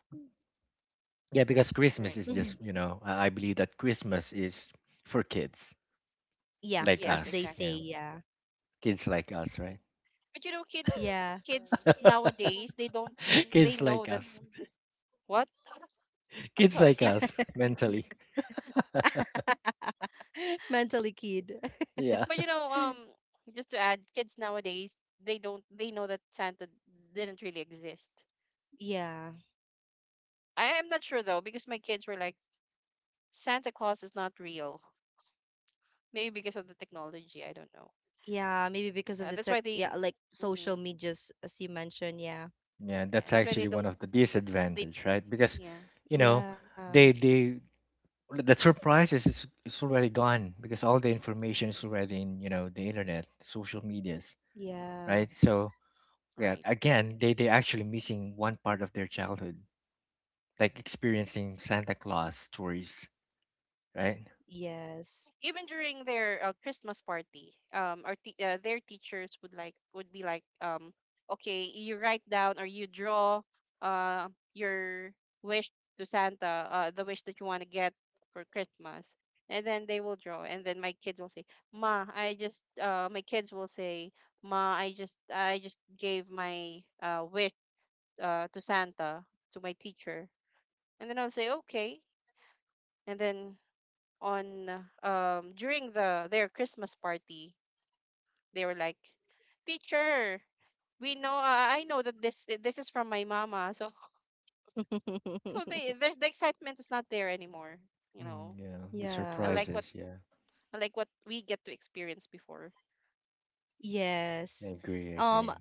Speaker 3: yeah, because Christmas
Speaker 1: Right.
Speaker 3: is
Speaker 2: Mhm.
Speaker 3: just, you know, I believe that Christmas is for kids
Speaker 2: Yeah,
Speaker 3: like
Speaker 2: as
Speaker 1: Yes,
Speaker 2: they
Speaker 3: us.
Speaker 2: say,
Speaker 1: exactly.
Speaker 3: Yeah.
Speaker 2: yeah.
Speaker 3: Kids like us, right?
Speaker 1: But you know kids,
Speaker 2: Yeah.
Speaker 1: kids
Speaker 3: [laughs]
Speaker 1: nowadays they don't, they
Speaker 3: kids
Speaker 1: know
Speaker 3: like
Speaker 1: that.
Speaker 3: us.
Speaker 1: What? [laughs] I'm
Speaker 3: Kids like
Speaker 1: sorry. [laughs]
Speaker 3: us mentally.
Speaker 2: [laughs] Mentally kid. [laughs]
Speaker 3: Yeah.
Speaker 1: But you know, just to add, kids nowadays, they don't, they know that Santa didn't really exist.
Speaker 2: Yeah.
Speaker 1: I am not sure though, because my kids were like, Santa Claus is not real. Maybe because of the technology, I don't know.
Speaker 2: Yeah, maybe because of the
Speaker 1: That's
Speaker 2: tech,
Speaker 1: why
Speaker 2: yeah,
Speaker 1: they,
Speaker 2: like social
Speaker 1: hmm,
Speaker 2: medias, as you mentioned. Yeah.
Speaker 3: Yeah,
Speaker 1: yeah,
Speaker 3: that's
Speaker 1: that's why they
Speaker 3: actually
Speaker 1: don't.
Speaker 3: one of the
Speaker 1: They,
Speaker 3: disadvantage, right? Because,
Speaker 1: yeah,
Speaker 3: you know,
Speaker 2: Yeah.
Speaker 3: they the surprises is already gone because all the information is already in, you know, the internet, social medias,
Speaker 2: Yeah.
Speaker 3: right? So, yeah,
Speaker 1: right.
Speaker 3: again, they actually missing one part of their childhood, like experiencing Santa Claus stories, right?
Speaker 2: Yes.
Speaker 1: Even during their Christmas party, their teachers would like would be like, okay, you write down or you draw uh your wish to Santa, the wish that you want to get for Christmas, and then they will draw, and then my kids will say, Ma, I just my kids will say, Ma, I just, I just gave my wish to Santa to my teacher, and then I'll say, okay, and then on, during the their Christmas party, they were like, "Teacher, we know I know that this is from my mama." So, so they,
Speaker 2: [laughs]
Speaker 1: there's, the excitement is not there anymore, you
Speaker 3: Mm,
Speaker 1: know.
Speaker 3: yeah, the
Speaker 2: Yeah.
Speaker 1: Unlike what
Speaker 3: surprises. Yeah,
Speaker 1: Unlike what we get to experience before.
Speaker 3: I
Speaker 2: Yes.
Speaker 3: agree. I
Speaker 2: Um,
Speaker 3: agree.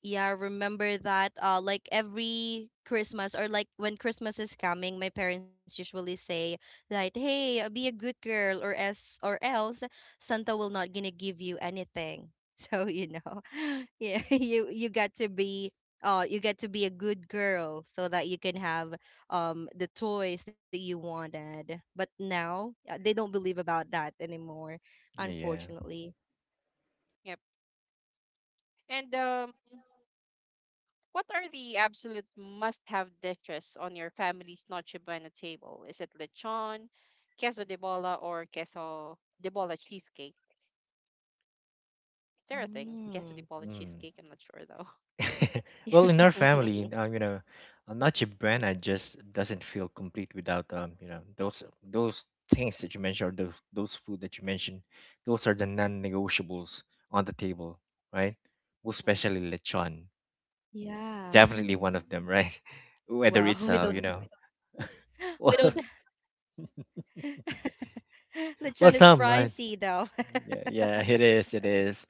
Speaker 2: Yeah, remember that, like every Christmas or like when Christmas is coming, my parents usually say that, "Hey, be a good girl or else Santa will not gonna give you anything." [laughs] So, you know. [laughs] Yeah, [laughs] you got to be, you get to be a good girl so that you can have the toys that you wanted. But now, they don't believe about that anymore,
Speaker 3: Yeah.
Speaker 2: unfortunately.
Speaker 1: Yep. And what are the absolute must-have dishes on your family's Noche Buena table? Is it lechon, queso de bola, or queso de bola cheesecake? Is there a thing? Queso de
Speaker 2: Mm.
Speaker 1: bola
Speaker 3: Mm.
Speaker 1: cheesecake? I'm not sure though.
Speaker 3: [laughs] well, in our
Speaker 2: [laughs]
Speaker 3: family, you know, Nacho Brana just doesn't feel complete without you know, those things that you mentioned, or those food that you mentioned. Those are the non-negotiables on the table, right? Well, especially
Speaker 1: [laughs]
Speaker 2: Yeah.
Speaker 3: lechon, definitely one
Speaker 2: Wow, [laughs]
Speaker 1: Mm,
Speaker 3: of
Speaker 2: we
Speaker 3: them,
Speaker 2: don't.
Speaker 3: right? [laughs] Whether it's
Speaker 2: [gasps]
Speaker 3: you
Speaker 2: We
Speaker 3: know,
Speaker 2: don't.
Speaker 3: [laughs] well,
Speaker 2: [laughs] Lechon is pricey though.
Speaker 3: well, some right. Yeah, yeah, it is. It is.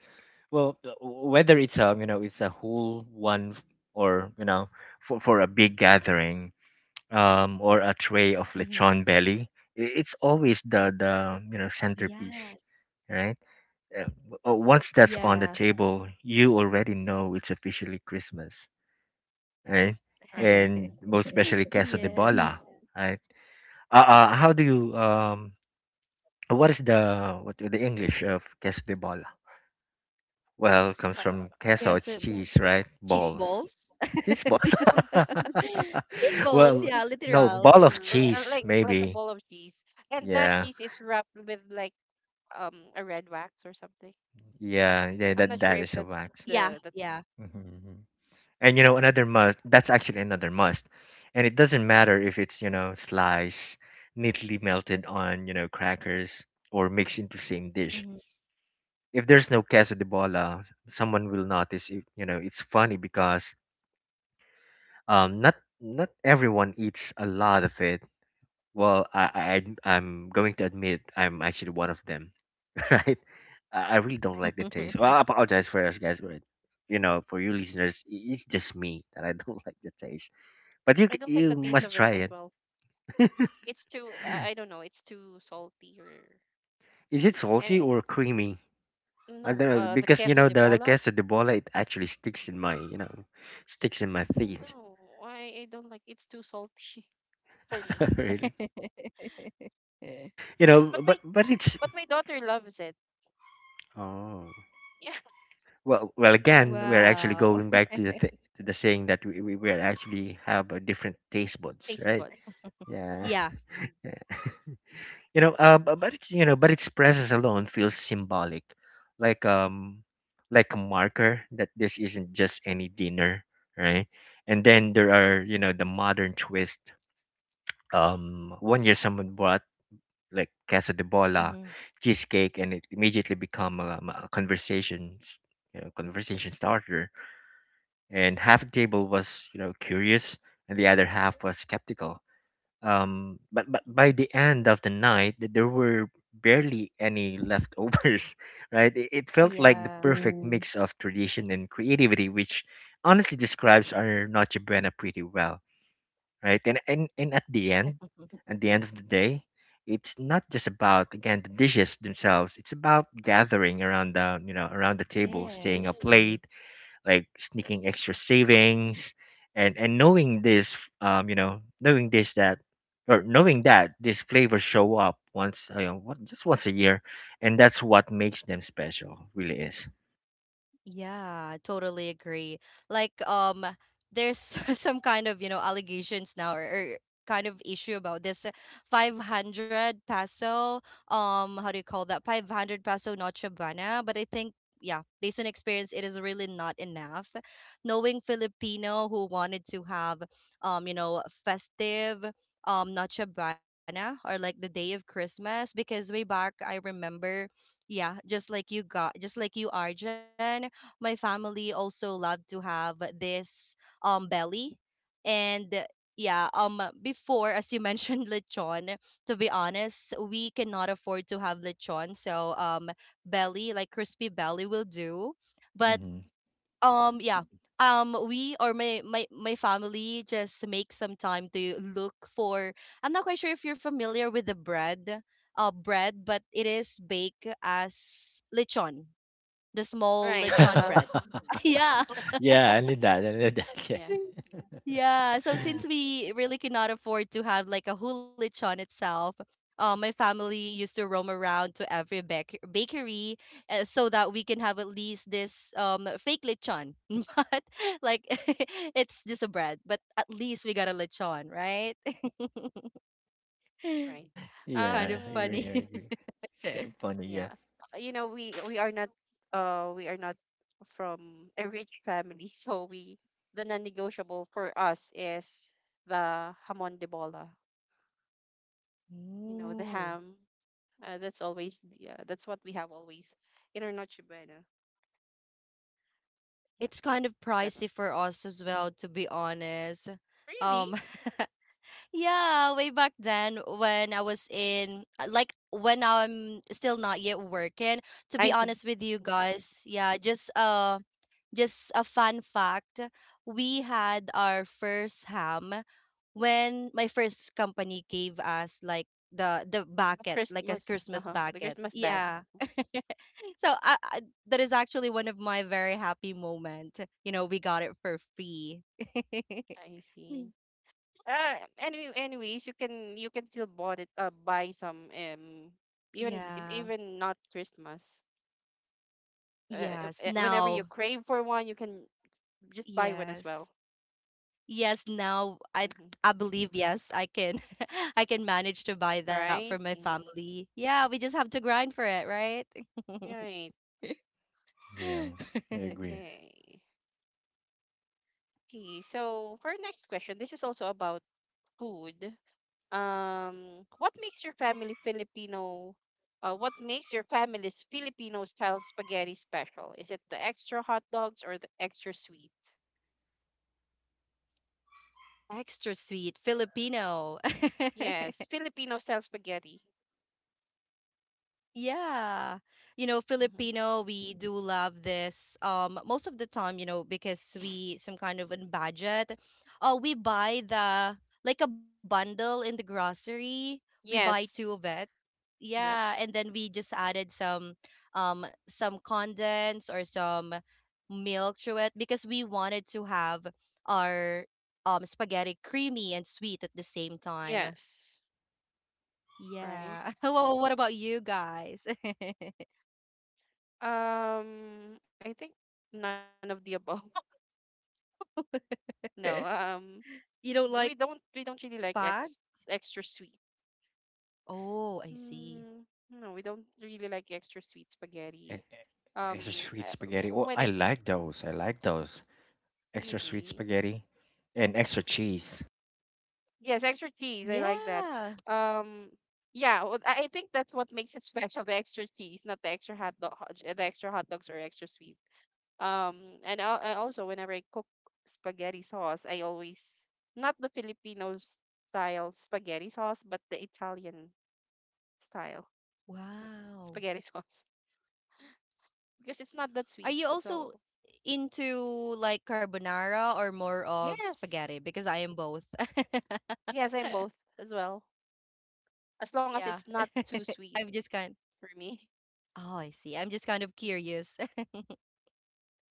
Speaker 3: Well, whether it's you know, it's a whole one or you know, for a big gathering,
Speaker 2: [laughs]
Speaker 3: or a
Speaker 2: Hmm.
Speaker 3: tray of lechon belly, it's always the, you know,
Speaker 2: Yes.
Speaker 3: centerpiece, right? Once
Speaker 2: Yeah.
Speaker 3: that's on the table, you already know it's officially Christmas, right?
Speaker 1: right.
Speaker 3: And most
Speaker 2: [laughs]
Speaker 3: especially queso de
Speaker 2: Yes.
Speaker 3: bola, right? How do you what is the, what the English of queso de bola? Well, comes
Speaker 2: Yeah,
Speaker 1: Uh,
Speaker 2: so
Speaker 3: from queso. It's cheese,
Speaker 2: cheese
Speaker 3: right?
Speaker 2: balls.
Speaker 3: Balls.
Speaker 1: cheese.
Speaker 2: [laughs]
Speaker 3: Cheese balls.
Speaker 2: Cheese balls,
Speaker 3: [laughs]
Speaker 2: yeah,
Speaker 3: well,
Speaker 2: literal.
Speaker 3: no, ball of
Speaker 1: Like,
Speaker 3: cheese,
Speaker 1: like a
Speaker 3: maybe.
Speaker 1: ball of cheese. And that
Speaker 3: Yeah,
Speaker 1: cheese is wrapped with like a red wax or something.
Speaker 3: yeah, yeah.
Speaker 1: I'm
Speaker 3: That
Speaker 1: not sure
Speaker 2: Yeah,
Speaker 3: that
Speaker 1: if
Speaker 3: is a
Speaker 1: that's
Speaker 2: yeah.
Speaker 3: wax.
Speaker 1: the, that.
Speaker 3: Hmm And you know, another must. That's actually another must. And it doesn't matter if it's, you know, sliced, neatly melted on, you know, crackers, or mixed into same
Speaker 2: Mhm.
Speaker 3: dish. If there's no queso de bola, someone will notice. It, you know, it's funny because, not, not everyone eats a lot of it. Well, I am going to admit I'm actually one of them, [laughs] right? I really don't like the taste. Well, I apologize for us guys, but you know, for you listeners, it's just me that I don't [laughs] like the taste. But
Speaker 1: I don't like the
Speaker 3: you
Speaker 1: taste
Speaker 3: must
Speaker 1: of it as
Speaker 3: try it.
Speaker 1: well.
Speaker 3: [laughs]
Speaker 1: It's too I don't know, it's too salty or,
Speaker 3: Is it
Speaker 1: and
Speaker 3: salty
Speaker 1: it-
Speaker 3: or creamy? I
Speaker 1: no,
Speaker 3: don't know
Speaker 1: the
Speaker 3: because, you
Speaker 1: queso
Speaker 3: know,
Speaker 1: de
Speaker 3: the
Speaker 1: bola?
Speaker 3: queso de bola, it actually sticks in my, you know, sticks in my teeth.
Speaker 1: No, I don't like, it's too salty [laughs] for me.
Speaker 3: [laughs] really,
Speaker 2: [laughs]
Speaker 3: you know,
Speaker 1: But my,
Speaker 3: but it's.
Speaker 1: but my daughter loves it.
Speaker 3: Oh
Speaker 1: Yeah, [laughs]
Speaker 3: well,
Speaker 1: I
Speaker 3: well,
Speaker 1: don't know why.
Speaker 3: again, we're actually
Speaker 2: Wow.
Speaker 3: going back to the, to the saying that we actually have a different taste buds,
Speaker 1: Taste
Speaker 3: right?
Speaker 1: buds.
Speaker 3: Yeah.
Speaker 2: Yeah.
Speaker 3: [laughs] yeah. You know, but it's, you know, but its presence alone feels symbolic, like, like a marker that this isn't just any dinner, right? And then there are, you know, the modern twist. One year someone brought like queso de
Speaker 2: Hmm.
Speaker 3: bola cheesecake, and it immediately become a conversation, conversation starter. And half the table was, you know, curious, and the other half was skeptical, but
Speaker 1: Mhm.
Speaker 3: by the end of the night, there were barely any leftovers. [laughs] right, it felt like the
Speaker 2: Yeah.
Speaker 3: perfect mix of tradition and creativity, which honestly describes our noche buena pretty well, right? And at the end,
Speaker 2: [laughs]
Speaker 3: of the day, it's not just about, again, the dishes themselves. It's about gathering around the, you know, around the table, staying
Speaker 2: Yes.
Speaker 3: up late, like sneaking extra savings, and knowing this, you know knowing this that or knowing that these flavors show up once, you know what, just once a year. And that's what makes them special, really is.
Speaker 2: Yeah, totally agree. Like, um, there's [laughs] some kind of, allegations now or kind of issue about this 500 peso, how do you call that? 500 peso Noche Buena. But I think, yeah, based on experience, it is really not enough. Knowing Filipino who wanted to have, you know, festive, Noche Buena or like the day of Christmas, because way back, I remember, yeah, just like you, Arjun, my family also love to have this belly, and yeah, before as you mentioned [laughs] lechon. To be honest, we cannot afford to have lechon, so belly, like crispy belly will do. But
Speaker 3: Hmm
Speaker 2: yeah We, or my family just make some time to look for, I'm not quite sure if you're familiar with the bread, bread, but it is baked as lechon, the small
Speaker 1: Right.
Speaker 2: lechon
Speaker 1: Uh-huh.
Speaker 2: bread.
Speaker 3: [laughs]
Speaker 2: [laughs] Yeah,
Speaker 1: [laughs]
Speaker 3: yeah, I need that. I need that. Yeah.
Speaker 1: Yeah.
Speaker 2: yeah. So since we really cannot afford to have like a whole lechon itself, my family used to roam around to every bakery, so that we can have at least this fake lechon. [laughs] But, like, [laughs] it's just a bread, but at least we got a lechon, right? [laughs]
Speaker 1: Right.
Speaker 3: [laughs]
Speaker 2: Kind
Speaker 3: yeah,
Speaker 2: of
Speaker 3: I
Speaker 1: Um,
Speaker 3: agree. I
Speaker 2: funny.
Speaker 3: agree. It's kind of
Speaker 2: [laughs]
Speaker 3: funny. Yeah.
Speaker 1: yeah. You know, we are not from a rich family, [laughs] so we, the non-negotiable for us is the hamon de bola. You know, the
Speaker 2: Ooh.
Speaker 1: ham. That's always the, that's what we have always in our Noche Buena. Yeah,
Speaker 2: It's kind of
Speaker 1: that one.
Speaker 2: pricey for us as well, to be honest.
Speaker 1: Really?
Speaker 2: Um, Yeah, way back then when I was in like when I'm still not yet working, to
Speaker 1: I
Speaker 2: be
Speaker 1: see.
Speaker 2: honest with you
Speaker 1: Mhm.
Speaker 2: guys, yeah, just a fun fact, we had our first ham when my first company gave us like the
Speaker 1: The
Speaker 2: bucket, like a
Speaker 1: Christmas,
Speaker 2: Christmas
Speaker 1: uh-huh, the
Speaker 2: bucket.
Speaker 1: Christmas bag.
Speaker 2: Yeah. [laughs] So I, that is actually one of my very happy moment. You know, we got it for free. [laughs]
Speaker 1: I see. Uh, any, anyways, you can still bought it buy some even
Speaker 2: Yeah.
Speaker 1: even not Christmas.
Speaker 2: Yes,
Speaker 1: Whenever you
Speaker 2: now.
Speaker 1: crave for one, you can just buy one as well.
Speaker 2: Yes. Yes, now I
Speaker 1: Hmm.
Speaker 2: I believe, yes, I can [laughs] I can manage to buy that for
Speaker 1: Right?
Speaker 2: my
Speaker 1: Hmm.
Speaker 2: family. Yeah, we just have to grind for it, right? [laughs]
Speaker 1: Right.
Speaker 3: Yeah, I agree.
Speaker 1: Okay. Okay. So for our next question, this is also about food. What makes your family Filipino? What makes your family's Filipino style spaghetti special? Is it the extra hot dogs or the extra sweet?
Speaker 2: Extra sweet Filipino. [laughs]
Speaker 1: Yes, Filipino style spaghetti.
Speaker 2: Yeah. You know,
Speaker 1: Hmm.
Speaker 2: Filipino, we do love this. Most of the time, you know, because we some kind of on budget. Oh, we buy the like a bundle in the grocery. We buy two
Speaker 1: Yes.
Speaker 2: of it,
Speaker 1: Yep.
Speaker 2: yeah, and then we just added some condensed or some milk to it because we wanted to have our spaghetti creamy and sweet at the same time,
Speaker 1: Yes. Right.
Speaker 2: yeah. [laughs] Well, what about you guys? [laughs]
Speaker 1: I think none of the above. [laughs] No.
Speaker 2: You
Speaker 1: We
Speaker 2: don't like
Speaker 1: don't, we don't really like ex
Speaker 2: spag?
Speaker 1: extra sweet.
Speaker 2: Oh, I see.
Speaker 1: Mm, no, we don't really like extra sweet
Speaker 3: E-
Speaker 1: spaghetti.
Speaker 3: e- Extra sweet spaghetti.
Speaker 1: W-
Speaker 3: Oh,
Speaker 1: when
Speaker 3: I
Speaker 1: I
Speaker 3: like those. I like those. Extra sweet
Speaker 1: really,
Speaker 3: spaghetti and extra cheese.
Speaker 1: yes, extra cheese. I like that.
Speaker 2: Yeah.
Speaker 1: Um, yeah, well, I think that's what makes it [laughs] special. The extra cheese, not the extra hot dog, the extra hot dogs or extra sweet. And I also whenever I cook spaghetti sauce, I always, not the Filipino style spaghetti sauce, but the Italian style [laughs]
Speaker 2: Wow,
Speaker 1: spaghetti sauce, because it's not that
Speaker 2: are
Speaker 1: sweet.
Speaker 2: you also
Speaker 1: So
Speaker 2: into like carbonara or more of
Speaker 1: yes,
Speaker 2: spaghetti, because I am both. [laughs]
Speaker 1: yes, I'm both as well, as
Speaker 2: Yeah.
Speaker 1: long as it's not
Speaker 2: [laughs]
Speaker 1: too
Speaker 2: I'm just
Speaker 1: sweet
Speaker 2: kind.
Speaker 1: for me. [laughs]
Speaker 2: Oh, I see. I'm just kind of
Speaker 1: Mhm.
Speaker 2: curious.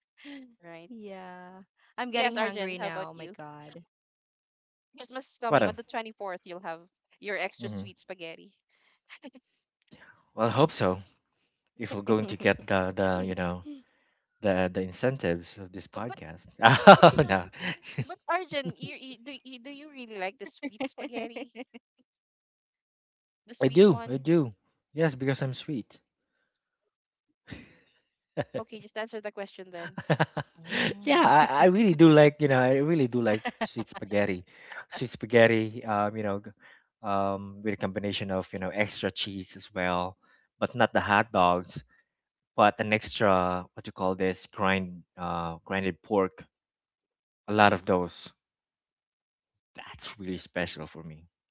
Speaker 2: [laughs]
Speaker 1: Right.
Speaker 2: Yeah. I'm getting
Speaker 1: Yes,
Speaker 2: hungry
Speaker 1: Arjun, how
Speaker 2: now. Oh
Speaker 1: about
Speaker 2: my
Speaker 1: you?
Speaker 2: God.
Speaker 1: Christmas is coming on
Speaker 3: What.
Speaker 1: the 24th. You'll have your extra
Speaker 3: Mm-hmm.
Speaker 1: sweet spaghetti.
Speaker 3: Well, I hope
Speaker 2: [laughs]
Speaker 3: so.
Speaker 2: Mm.
Speaker 3: If we're going to get the, you know, the incentives of this
Speaker 1: Uh, but
Speaker 3: podcast. [laughs]
Speaker 1: but you
Speaker 3: Oh,
Speaker 1: know,
Speaker 3: no.
Speaker 1: but Arjun, you do you, do you really like the sweet spaghetti? The
Speaker 3: [laughs] I
Speaker 1: sweet
Speaker 3: do, I
Speaker 1: one?
Speaker 3: do. Yes, because I'm sweet. [laughs] yeah,
Speaker 1: Okay, just answer the question then.
Speaker 2: [laughs]
Speaker 3: I really do like, you know, I really do like sweet spaghetti, sweet spaghetti. You know, with a combination of, you know, extra cheese as well, but not the hot dogs, but an extra, what you call this, grind grinded pork. A lot
Speaker 1: Mm-hmm.
Speaker 3: of those. That's really special for me.
Speaker 2: Mm.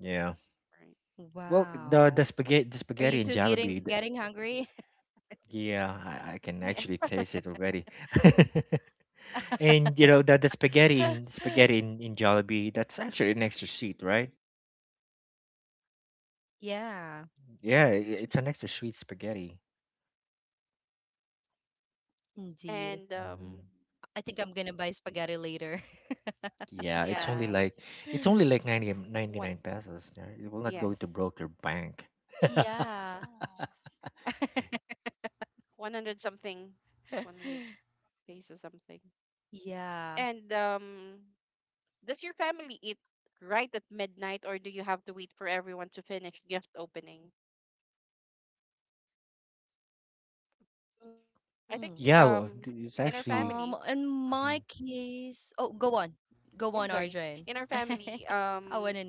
Speaker 3: Yeah.
Speaker 1: Right.
Speaker 2: Wow.
Speaker 3: Well, the
Speaker 2: Are you two
Speaker 3: spaghetti, the
Speaker 2: getting
Speaker 3: spaghetti and
Speaker 2: getting
Speaker 3: Jollibee. The,
Speaker 2: hungry?
Speaker 3: yeah, I can
Speaker 1: Yeah,
Speaker 3: actually taste it already. [laughs] and you know the spaghetti in
Speaker 2: [laughs]
Speaker 3: spaghetti in Jollibee. That's actually an extra sweet, right?
Speaker 2: Yeah,
Speaker 3: Yeah, I
Speaker 1: extra
Speaker 3: it's
Speaker 1: sweet.
Speaker 3: an extra sweet spaghetti.
Speaker 2: indeed.
Speaker 1: And
Speaker 3: Mhm.
Speaker 2: I think I'm gonna buy spaghetti later.
Speaker 3: Yeah,
Speaker 2: [laughs]
Speaker 3: it's only like,
Speaker 1: yes,
Speaker 3: ninety
Speaker 1: one,
Speaker 3: nine pesos. Yeah, it will not go to
Speaker 1: yes,
Speaker 3: broke your bank.
Speaker 2: Yeah.
Speaker 1: 100 something,
Speaker 2: [laughs]
Speaker 1: 100 pesos something.
Speaker 2: Yeah.
Speaker 1: And does your family eat right at midnight, or do you have to wait for everyone to finish gift opening?
Speaker 2: Mm.
Speaker 1: I think
Speaker 3: Yeah, well,
Speaker 2: In
Speaker 3: it's
Speaker 1: in our
Speaker 2: my
Speaker 3: actually.
Speaker 1: family,
Speaker 2: case,
Speaker 3: Mhm.
Speaker 2: oh, go on, go on, Arjun.
Speaker 1: [laughs]
Speaker 2: [laughs]
Speaker 1: yeah, sorry, in our
Speaker 2: I want to
Speaker 1: family,
Speaker 2: know your story.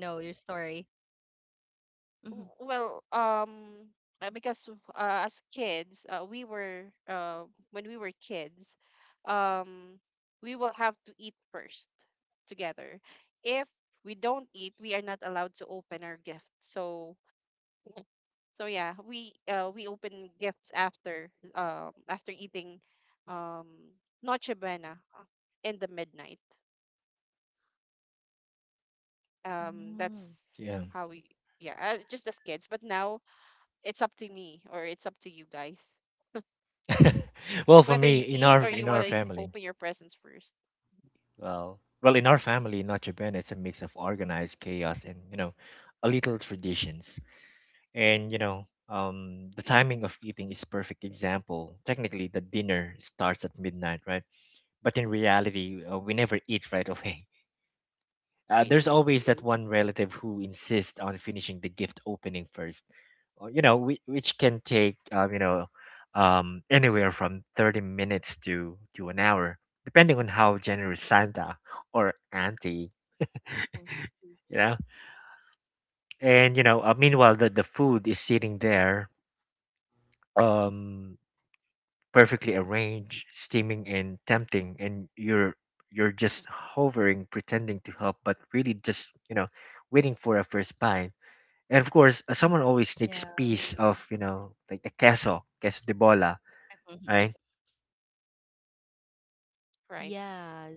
Speaker 2: Mm-hmm.
Speaker 1: well because as kids we were when we were kids, um we will have to eat first together. If we don't eat, we are not allowed to open our gift. So, so yeah, we open gifts after after eating um noche buena, in the midnight.
Speaker 2: Mm-hmm.
Speaker 1: That's
Speaker 3: Yeah.
Speaker 1: how we, yeah just as kids, but now it's up to me or it's up to you guys
Speaker 3: [laughs] well, for
Speaker 1: whether
Speaker 3: me,
Speaker 1: you
Speaker 3: in
Speaker 1: eat or
Speaker 3: our,
Speaker 1: you want to
Speaker 3: family.
Speaker 1: open your presents first.
Speaker 3: Well, well, in our family in Notre, it's a mix of organized chaos and, you know, a little traditions. And you know, the timing of eating is perfect example. Technically, the dinner starts at midnight, right? But in reality, we never eat right [laughs] away. There's
Speaker 1: Really,
Speaker 3: always that one relative who insists on finishing the gift opening first. Which can take anywhere from 30 minutes to an hour, depending on how generous Santa or auntie. You know and you know Meanwhile, the food is sitting there, um perfectly arranged, steaming and tempting, and you're just hovering, pretending to help, but really just waiting for a first bite. And of course, someone always takes
Speaker 2: Yeah.
Speaker 3: piece of, you know, like the queso de bola, right?
Speaker 2: [laughs]
Speaker 1: right,
Speaker 2: Yes.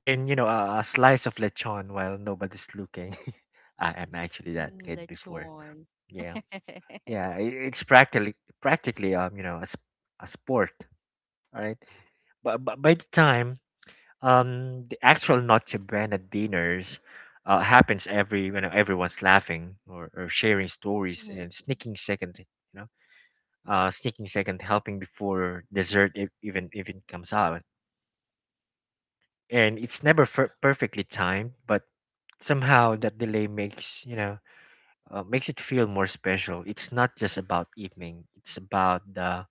Speaker 3: And a slice of lechon while nobody's looking. [laughs] I am
Speaker 2: Ooh,
Speaker 3: actually that kid
Speaker 2: lechon.
Speaker 3: before. Yeah.
Speaker 2: [laughs]
Speaker 3: Yeah i it's practically a sport. All right. But by the time the actual Noche Buena dinners happens, everyone's laughing or sharing stories
Speaker 2: Mhm.
Speaker 3: and sneaking second you know sneaking second helping before dessert, if, even if it comes out. And it's never perfectly timed, but somehow that delay makes you know makes it feel more special. It's not just about evening; it's about the,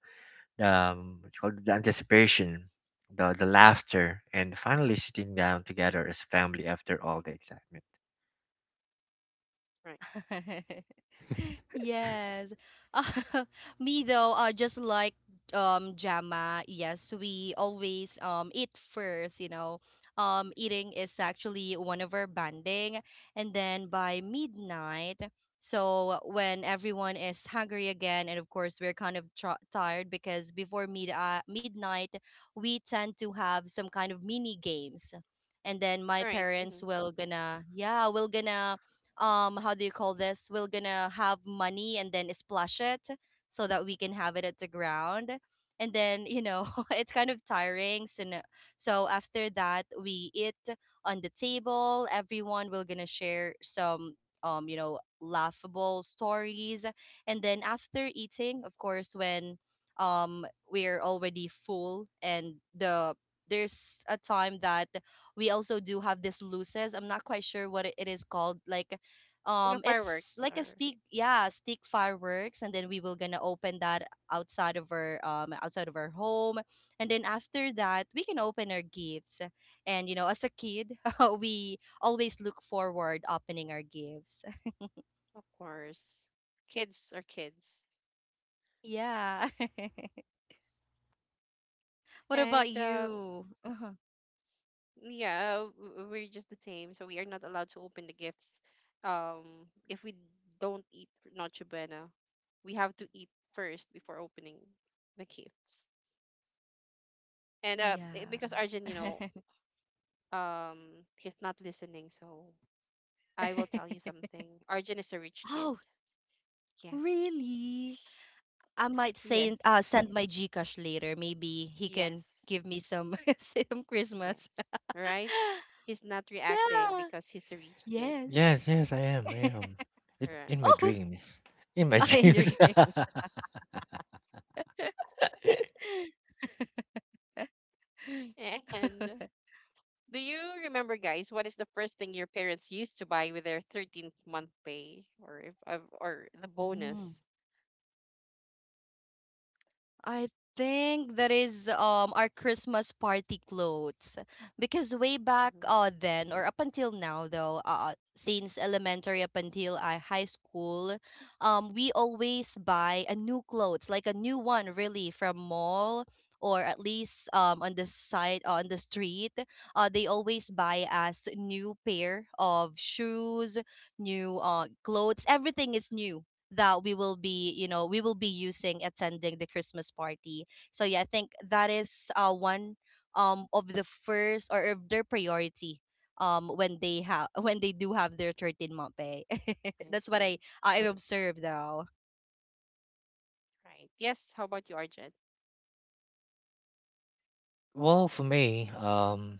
Speaker 3: what you call it, the anticipation, the laughter, and finally sitting down together as family after all the excitement.
Speaker 1: right,
Speaker 2: [laughs] Yes. Uh, [laughs] me though, just like Jama, yes, we always eat first, you know. Eating is actually one of our banding, and then by midnight, so when everyone is hungry again, and of course we're kind of tired, because before midnight we tend to have some kind of mini games, and then my
Speaker 1: all right.
Speaker 2: parents
Speaker 1: Mm-hmm.
Speaker 2: will gonna yeah will gonna, how do you call this, we're gonna have money and then splash it so that we can have it at the ground. And then, you know, [laughs] it's kind of tiring, so no- so after that we eat on the table. Everyone will gonna share some, you know, laughable stories. And then after eating, of course, when um we're already full, and the there's a time that we also do have this loses, I'm not quite sure what it is called, like,
Speaker 1: Like
Speaker 2: it's
Speaker 1: fireworks
Speaker 2: like a
Speaker 1: are,
Speaker 2: stick, yeah, stick fireworks, and then we will gonna open that outside of our, outside of our home. And then after that we can open our gifts, and you know, as a kid, [laughs] we always look forward opening our gifts,
Speaker 1: of course, kids are kids,
Speaker 2: yeah. [laughs] What about
Speaker 1: and
Speaker 2: you? Uh-huh.
Speaker 1: yeah, we're just the same. So we are not allowed to open the gifts. If we don't eat Noche Buena, we have to eat first before opening the gifts. And because
Speaker 2: Yeah.
Speaker 1: Arjun, you know, he's not listening, so I will tell you
Speaker 2: [laughs]
Speaker 1: something. Arjun is a rich kid.
Speaker 2: Oh,
Speaker 1: Yes.
Speaker 2: really? I might send,
Speaker 1: Yes.
Speaker 2: send my gcash later, maybe he can
Speaker 1: Yes.
Speaker 2: give me some [laughs] some Christmas.
Speaker 1: Yes.
Speaker 2: [laughs]
Speaker 1: Right? He's not reacting
Speaker 2: Yeah.
Speaker 1: because he's a rich kid.
Speaker 2: Yes.
Speaker 3: Yes, yes, I am. I am.
Speaker 2: [laughs]
Speaker 3: It in
Speaker 1: Right.
Speaker 3: my
Speaker 2: Oh,
Speaker 3: dreams. In
Speaker 2: [laughs]
Speaker 3: my [laughs]
Speaker 2: I enjoyed
Speaker 3: dreams.
Speaker 2: your
Speaker 3: [laughs]
Speaker 2: dream.
Speaker 1: And
Speaker 2: [laughs]
Speaker 1: do you remember, guys, what is the first thing your parents used to buy with their 13th month pay, or if, or the
Speaker 2: Mm.
Speaker 1: bonus?
Speaker 2: I think that is our Christmas party clothes, because way back
Speaker 1: Hmm.
Speaker 2: then, or up until now though, since elementary up until I high school, we always buy a new clothes, like a new one, really, from mall, or at least on the side, on the street. They always buy us new pair of shoes, new clothes, everything is new, that we will be, you know, we will be using attending the Christmas party. So yeah, I think that is, one of the first, or of their priority, when they have [laughs] when they do have their 13th month pay. [laughs]
Speaker 1: I
Speaker 2: That's what i
Speaker 1: see.
Speaker 2: i observed though.
Speaker 1: Right. Yes. How about you, Arjun?
Speaker 3: Well, for me,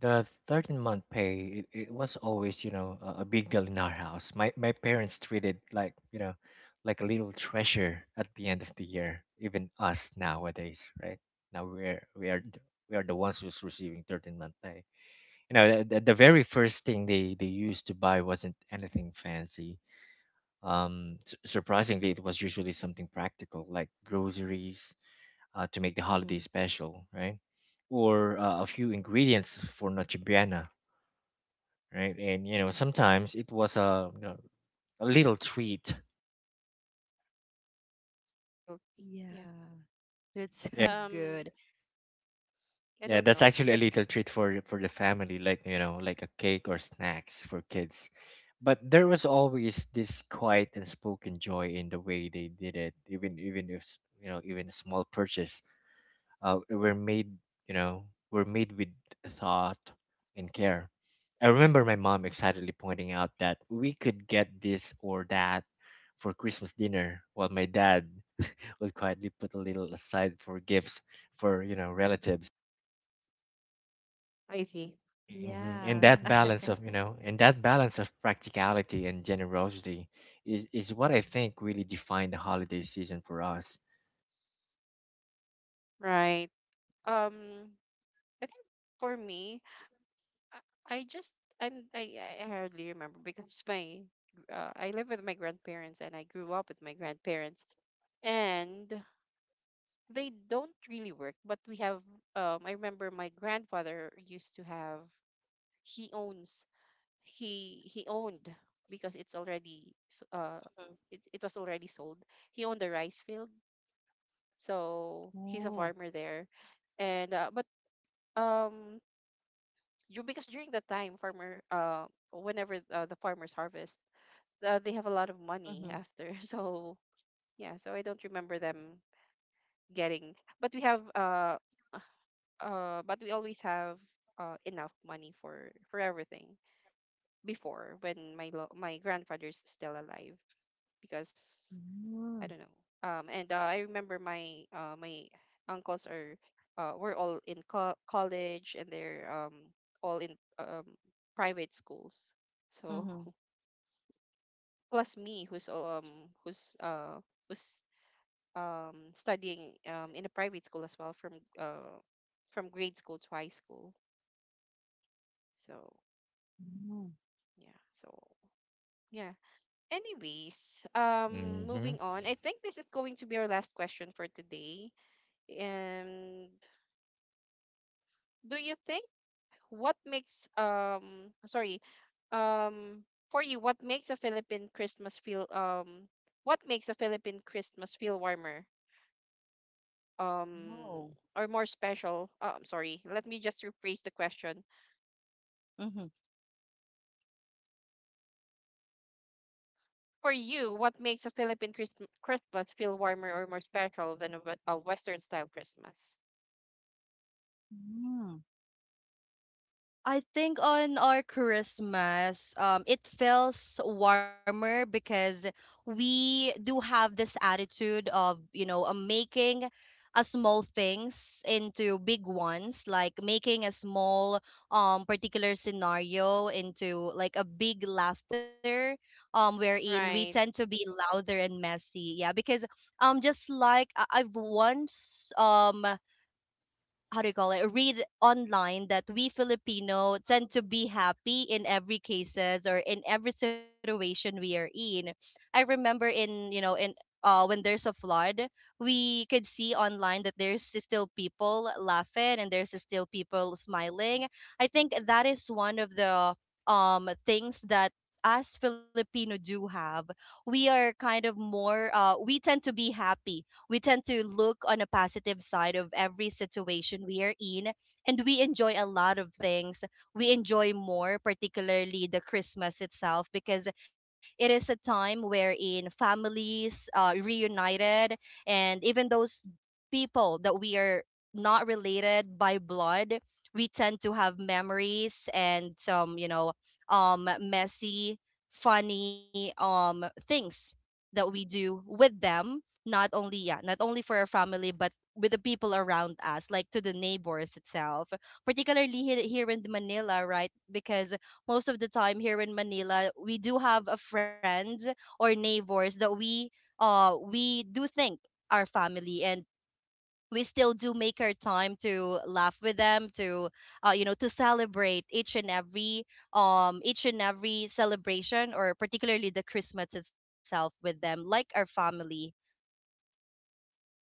Speaker 3: the 13th month pay, it was always, you know, a big deal in our house. My parents treated like, you know, like a little treasure at the end of the year, even us nowadays, right? Now we are the ones who's receiving 13th month pay. You know, the very first thing they used to buy wasn't anything fancy. Surprisingly, it was usually something practical, like groceries, to make the
Speaker 2: Mm-hmm.
Speaker 3: holiday special, right? Or a few ingredients for Noche Buena. Right, and you know sometimes it was a little treat.
Speaker 1: Okay.
Speaker 2: Yeah.
Speaker 1: Yeah.
Speaker 2: That's [laughs] so
Speaker 1: Um,
Speaker 2: good.
Speaker 1: I
Speaker 3: Yeah,
Speaker 1: don't
Speaker 3: that's
Speaker 1: know
Speaker 3: actually a little
Speaker 1: because,
Speaker 3: treat for the family, like you know, like a cake or snacks for kids. But there was always this quiet and spoken joy in the way they did it, even if even a small purchase were made, were made with thought and care. I remember my mom excitedly pointing out that we could get this or that for Christmas dinner, while my dad would quietly put a little aside for gifts for, you know, relatives.
Speaker 1: I see.
Speaker 3: Mhm.
Speaker 2: Yeah.
Speaker 3: And that
Speaker 1: Mhm.
Speaker 3: balance of, practicality and generosity is what I think really defined the holiday season for us.
Speaker 1: Right. Um, I think for me, I just, I hardly remember because my, I live with my grandparents and I grew up with my grandparents, and they don't really work, but we have, I remember my grandfather used to have, he owns he owned, because it's already it, it was already sold. He owned a rice field, so
Speaker 2: Oh.
Speaker 1: he's a farmer there, and but um you, because during that time, farmer whenever the farmers harvest, they have a lot of
Speaker 2: Mm-hmm.
Speaker 1: money after. [laughs] So yeah, so I don't remember them getting, but we have but we always have enough money for everything before, when my my grandfather's still alive, because
Speaker 2: Mm.
Speaker 1: I don't know. And I remember my my uncles are were all in college, and they're all in private schools, so
Speaker 2: Mm-hmm.
Speaker 1: [laughs] plus me, who's who's studying in a private school as well, from grade school to high school. So
Speaker 2: Mm.
Speaker 1: yeah, so yeah. Anyways,
Speaker 3: Mm-hmm.
Speaker 1: moving on, I think this is going to be our last question for today. And, do you think, what makes sorry, um for you, what makes a Philippine Christmas feel, warmer um
Speaker 2: Oh.
Speaker 1: or more special? Uh, I'm sorry, let me just rephrase the question. For you, what makes a Philippine Christmas feel warmer or more special than a, a Western style Christmas?
Speaker 2: Mm-hmm. I think on our Christmas, it feels warmer because we do have this attitude of, you know, making a small things into big ones, like making a small particular scenario into like a big laughter, wherein we tend
Speaker 1: Right.
Speaker 2: to be louder and messy. Yeah, because just like I've once, how do you call it, read online that we Filipino tend to be happy in every cases or in every situation we are in. I remember in, you know, in when there's a flood, we could see online that there's still people laughing and there's still people smiling. I think that is one of the things that us Filipino do have. We are kind of more, we tend to be happy, we tend to look on a positive side of every situation we are in, and we enjoy a lot of things. We enjoy more, particularly the Christmas itself, because it is a time wherein families reunited, and even those people that we are not related by blood, we tend to have memories and some, you know, messy, funny, things that we do with them, not only, yeah, not only for our family, but with the people around us, like to the neighbors itself, particularly here, here in Manila, right, because most of the time here in Manila we do have a friends or neighbors that we do think are family, and we still do make our time to laugh with them, to you know, to celebrate each and every, each and every celebration, or particularly the Christmas itself, with them, like our family.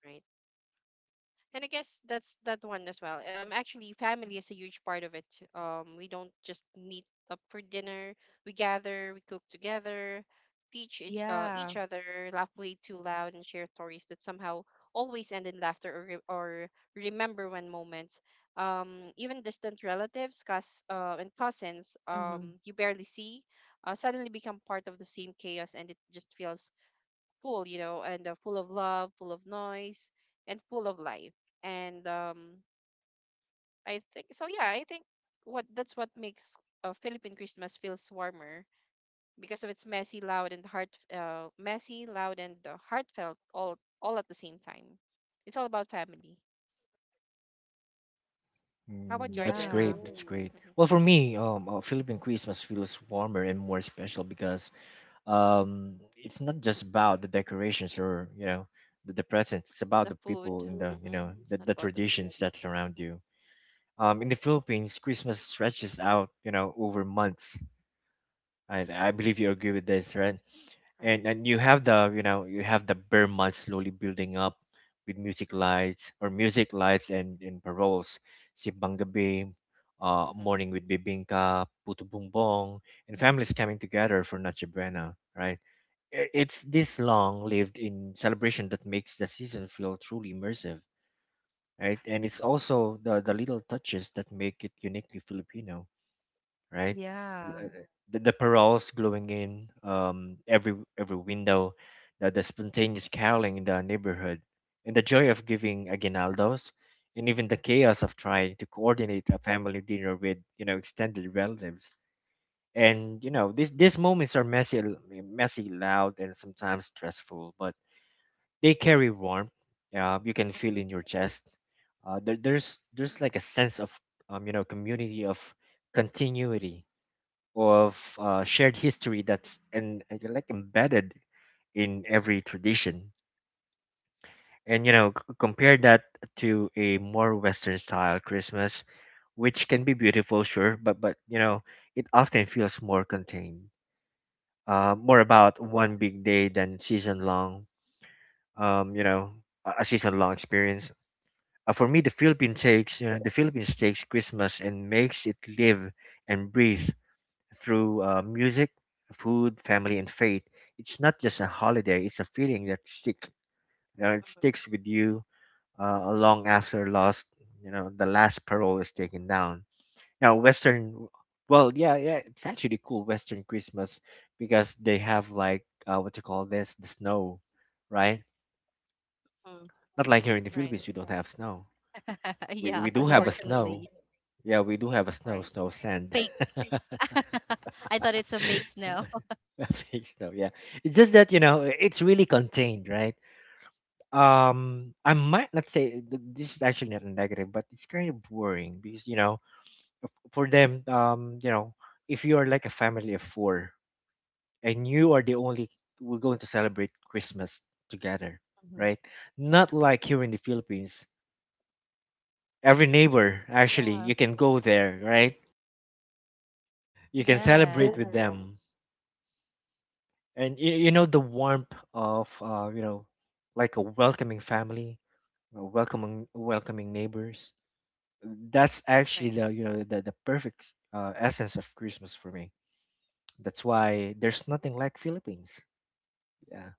Speaker 1: Right. And I guess that's that one as well. Actually, family is a huge part of it. We don't just meet up for dinner. We gather, we cook together, teach each
Speaker 2: Yeah.
Speaker 1: other, laugh way too loud, and share stories that somehow always end in laughter or remember when moments. Even distant relatives, cousins, you
Speaker 2: Hmm.
Speaker 1: barely see, suddenly become part of the same chaos, and it just feels full, you know, and full of love, full of noise, and full of life. And I think so. Yeah, I think what that's what makes a Philippine Christmas feels warmer, because of its messy, loud, and heart messy, loud, and heartfelt, all at the same time. It's all about family. How about
Speaker 3: Mm,
Speaker 1: your
Speaker 3: that's
Speaker 1: Jen?
Speaker 2: Yeah.
Speaker 3: great. That's great.
Speaker 1: Hmm.
Speaker 3: Well, for me, Philippine Christmas feels warmer and more special because it's not just about the decorations or, you know, the presents. It's about
Speaker 1: The
Speaker 3: the people
Speaker 1: food.
Speaker 3: and the, you know,
Speaker 1: Hmm. It's not
Speaker 3: the
Speaker 1: about the food.
Speaker 3: traditions that surround
Speaker 1: Hmm.
Speaker 3: you. In the Philippines, Christmas stretches out, you know, over months. I believe you agree with this, right?
Speaker 1: Right.
Speaker 3: And you have the, bare month slowly building up with music lights, and paroles, sibang gabi, uh, morning
Speaker 1: Hmm.
Speaker 3: with bibingka, puto bumbong, and families coming together for Noche Buena, right? I- it's this long lived in celebration that makes the season feel truly immersive, right? And it's also the little touches that make it uniquely Filipino, right?
Speaker 2: Yeah.
Speaker 3: Uh, the paroles glowing in every window, the spontaneous caroling in the neighborhood, and the joy of giving aguinaldos, and even the chaos of trying to coordinate a family dinner with, you know, extended relatives. And you know, these moments are messy, messy, loud, and sometimes stressful, but they carry warmth. You can feel in your chest. There's like a sense of, community, of continuity, of shared history that's and like embedded in every tradition. And you know, compare that to a more Western style Christmas, which can be beautiful, sure, but it often feels more contained, more about one big day than season long. Um, you know, a season long experience. For me, the Philippines takes Christmas and makes it live and breathe through music, food, family, and faith. It's not just a holiday; it's a feeling that stick. You know, it sticks with you long after lost. You know, the last parole is taken down. Now, Western. Well, yeah, yeah, it's actually cool Western Christmas because they have like, what you call this, the snow, right?
Speaker 2: Mm.
Speaker 3: Not like here in the
Speaker 1: Right.
Speaker 3: Philippines, we don't have snow.
Speaker 2: [laughs] Yeah,
Speaker 3: We do have a Yeah. snow.
Speaker 2: unfortunately.
Speaker 3: Yeah, we do have a snow,
Speaker 1: Right.
Speaker 3: snow, sand.
Speaker 2: Fake. [laughs] I
Speaker 3: [laughs]
Speaker 2: thought it's a fake snow.
Speaker 3: [laughs] Face though, yeah. It's just that you know it's really contained, right? I might not say this is actually not a negative, but it's kind of boring because you know, for them, you know, if you are like a family of 4 and you are the only, we're going to celebrate Christmas together,
Speaker 2: Hmm.
Speaker 3: right? Not like here in the Philippines, every neighbor
Speaker 2: [laughs]
Speaker 3: actually
Speaker 2: Yeah.
Speaker 3: you can go there, right? You can celebrate
Speaker 2: Yes.
Speaker 3: with them, and you know the warmth of, like a welcoming family, welcoming neighbors. That's actually
Speaker 1: Right.
Speaker 3: the, the perfect essence of Christmas for me. That's why there's nothing like Philippines. Yeah.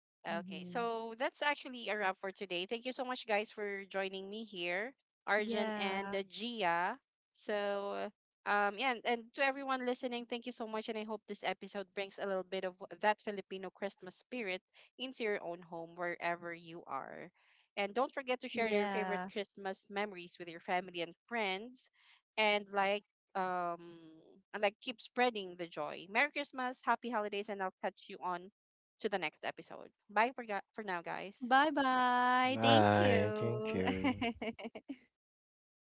Speaker 2: Hmm.
Speaker 1: Okay, so that's actually a wrap for today. Thank you so much, guys, for joining me here, Arjun and
Speaker 2: Yeah.
Speaker 1: Gia. So, yeah, and to everyone listening, thank you so much, and I hope this episode brings a little bit of that Filipino Christmas spirit into your own home, wherever you are. And don't forget to share your
Speaker 2: Yeah.
Speaker 1: favorite Christmas memories with your family and friends, and like, um, and like, keep spreading the joy. Merry Christmas, happy holidays, and I'll catch you on to the next episode. Bye for, for now, guys.
Speaker 2: Bye bye. Thank
Speaker 3: Bye. Thank
Speaker 2: you.
Speaker 3: you.
Speaker 2: [laughs]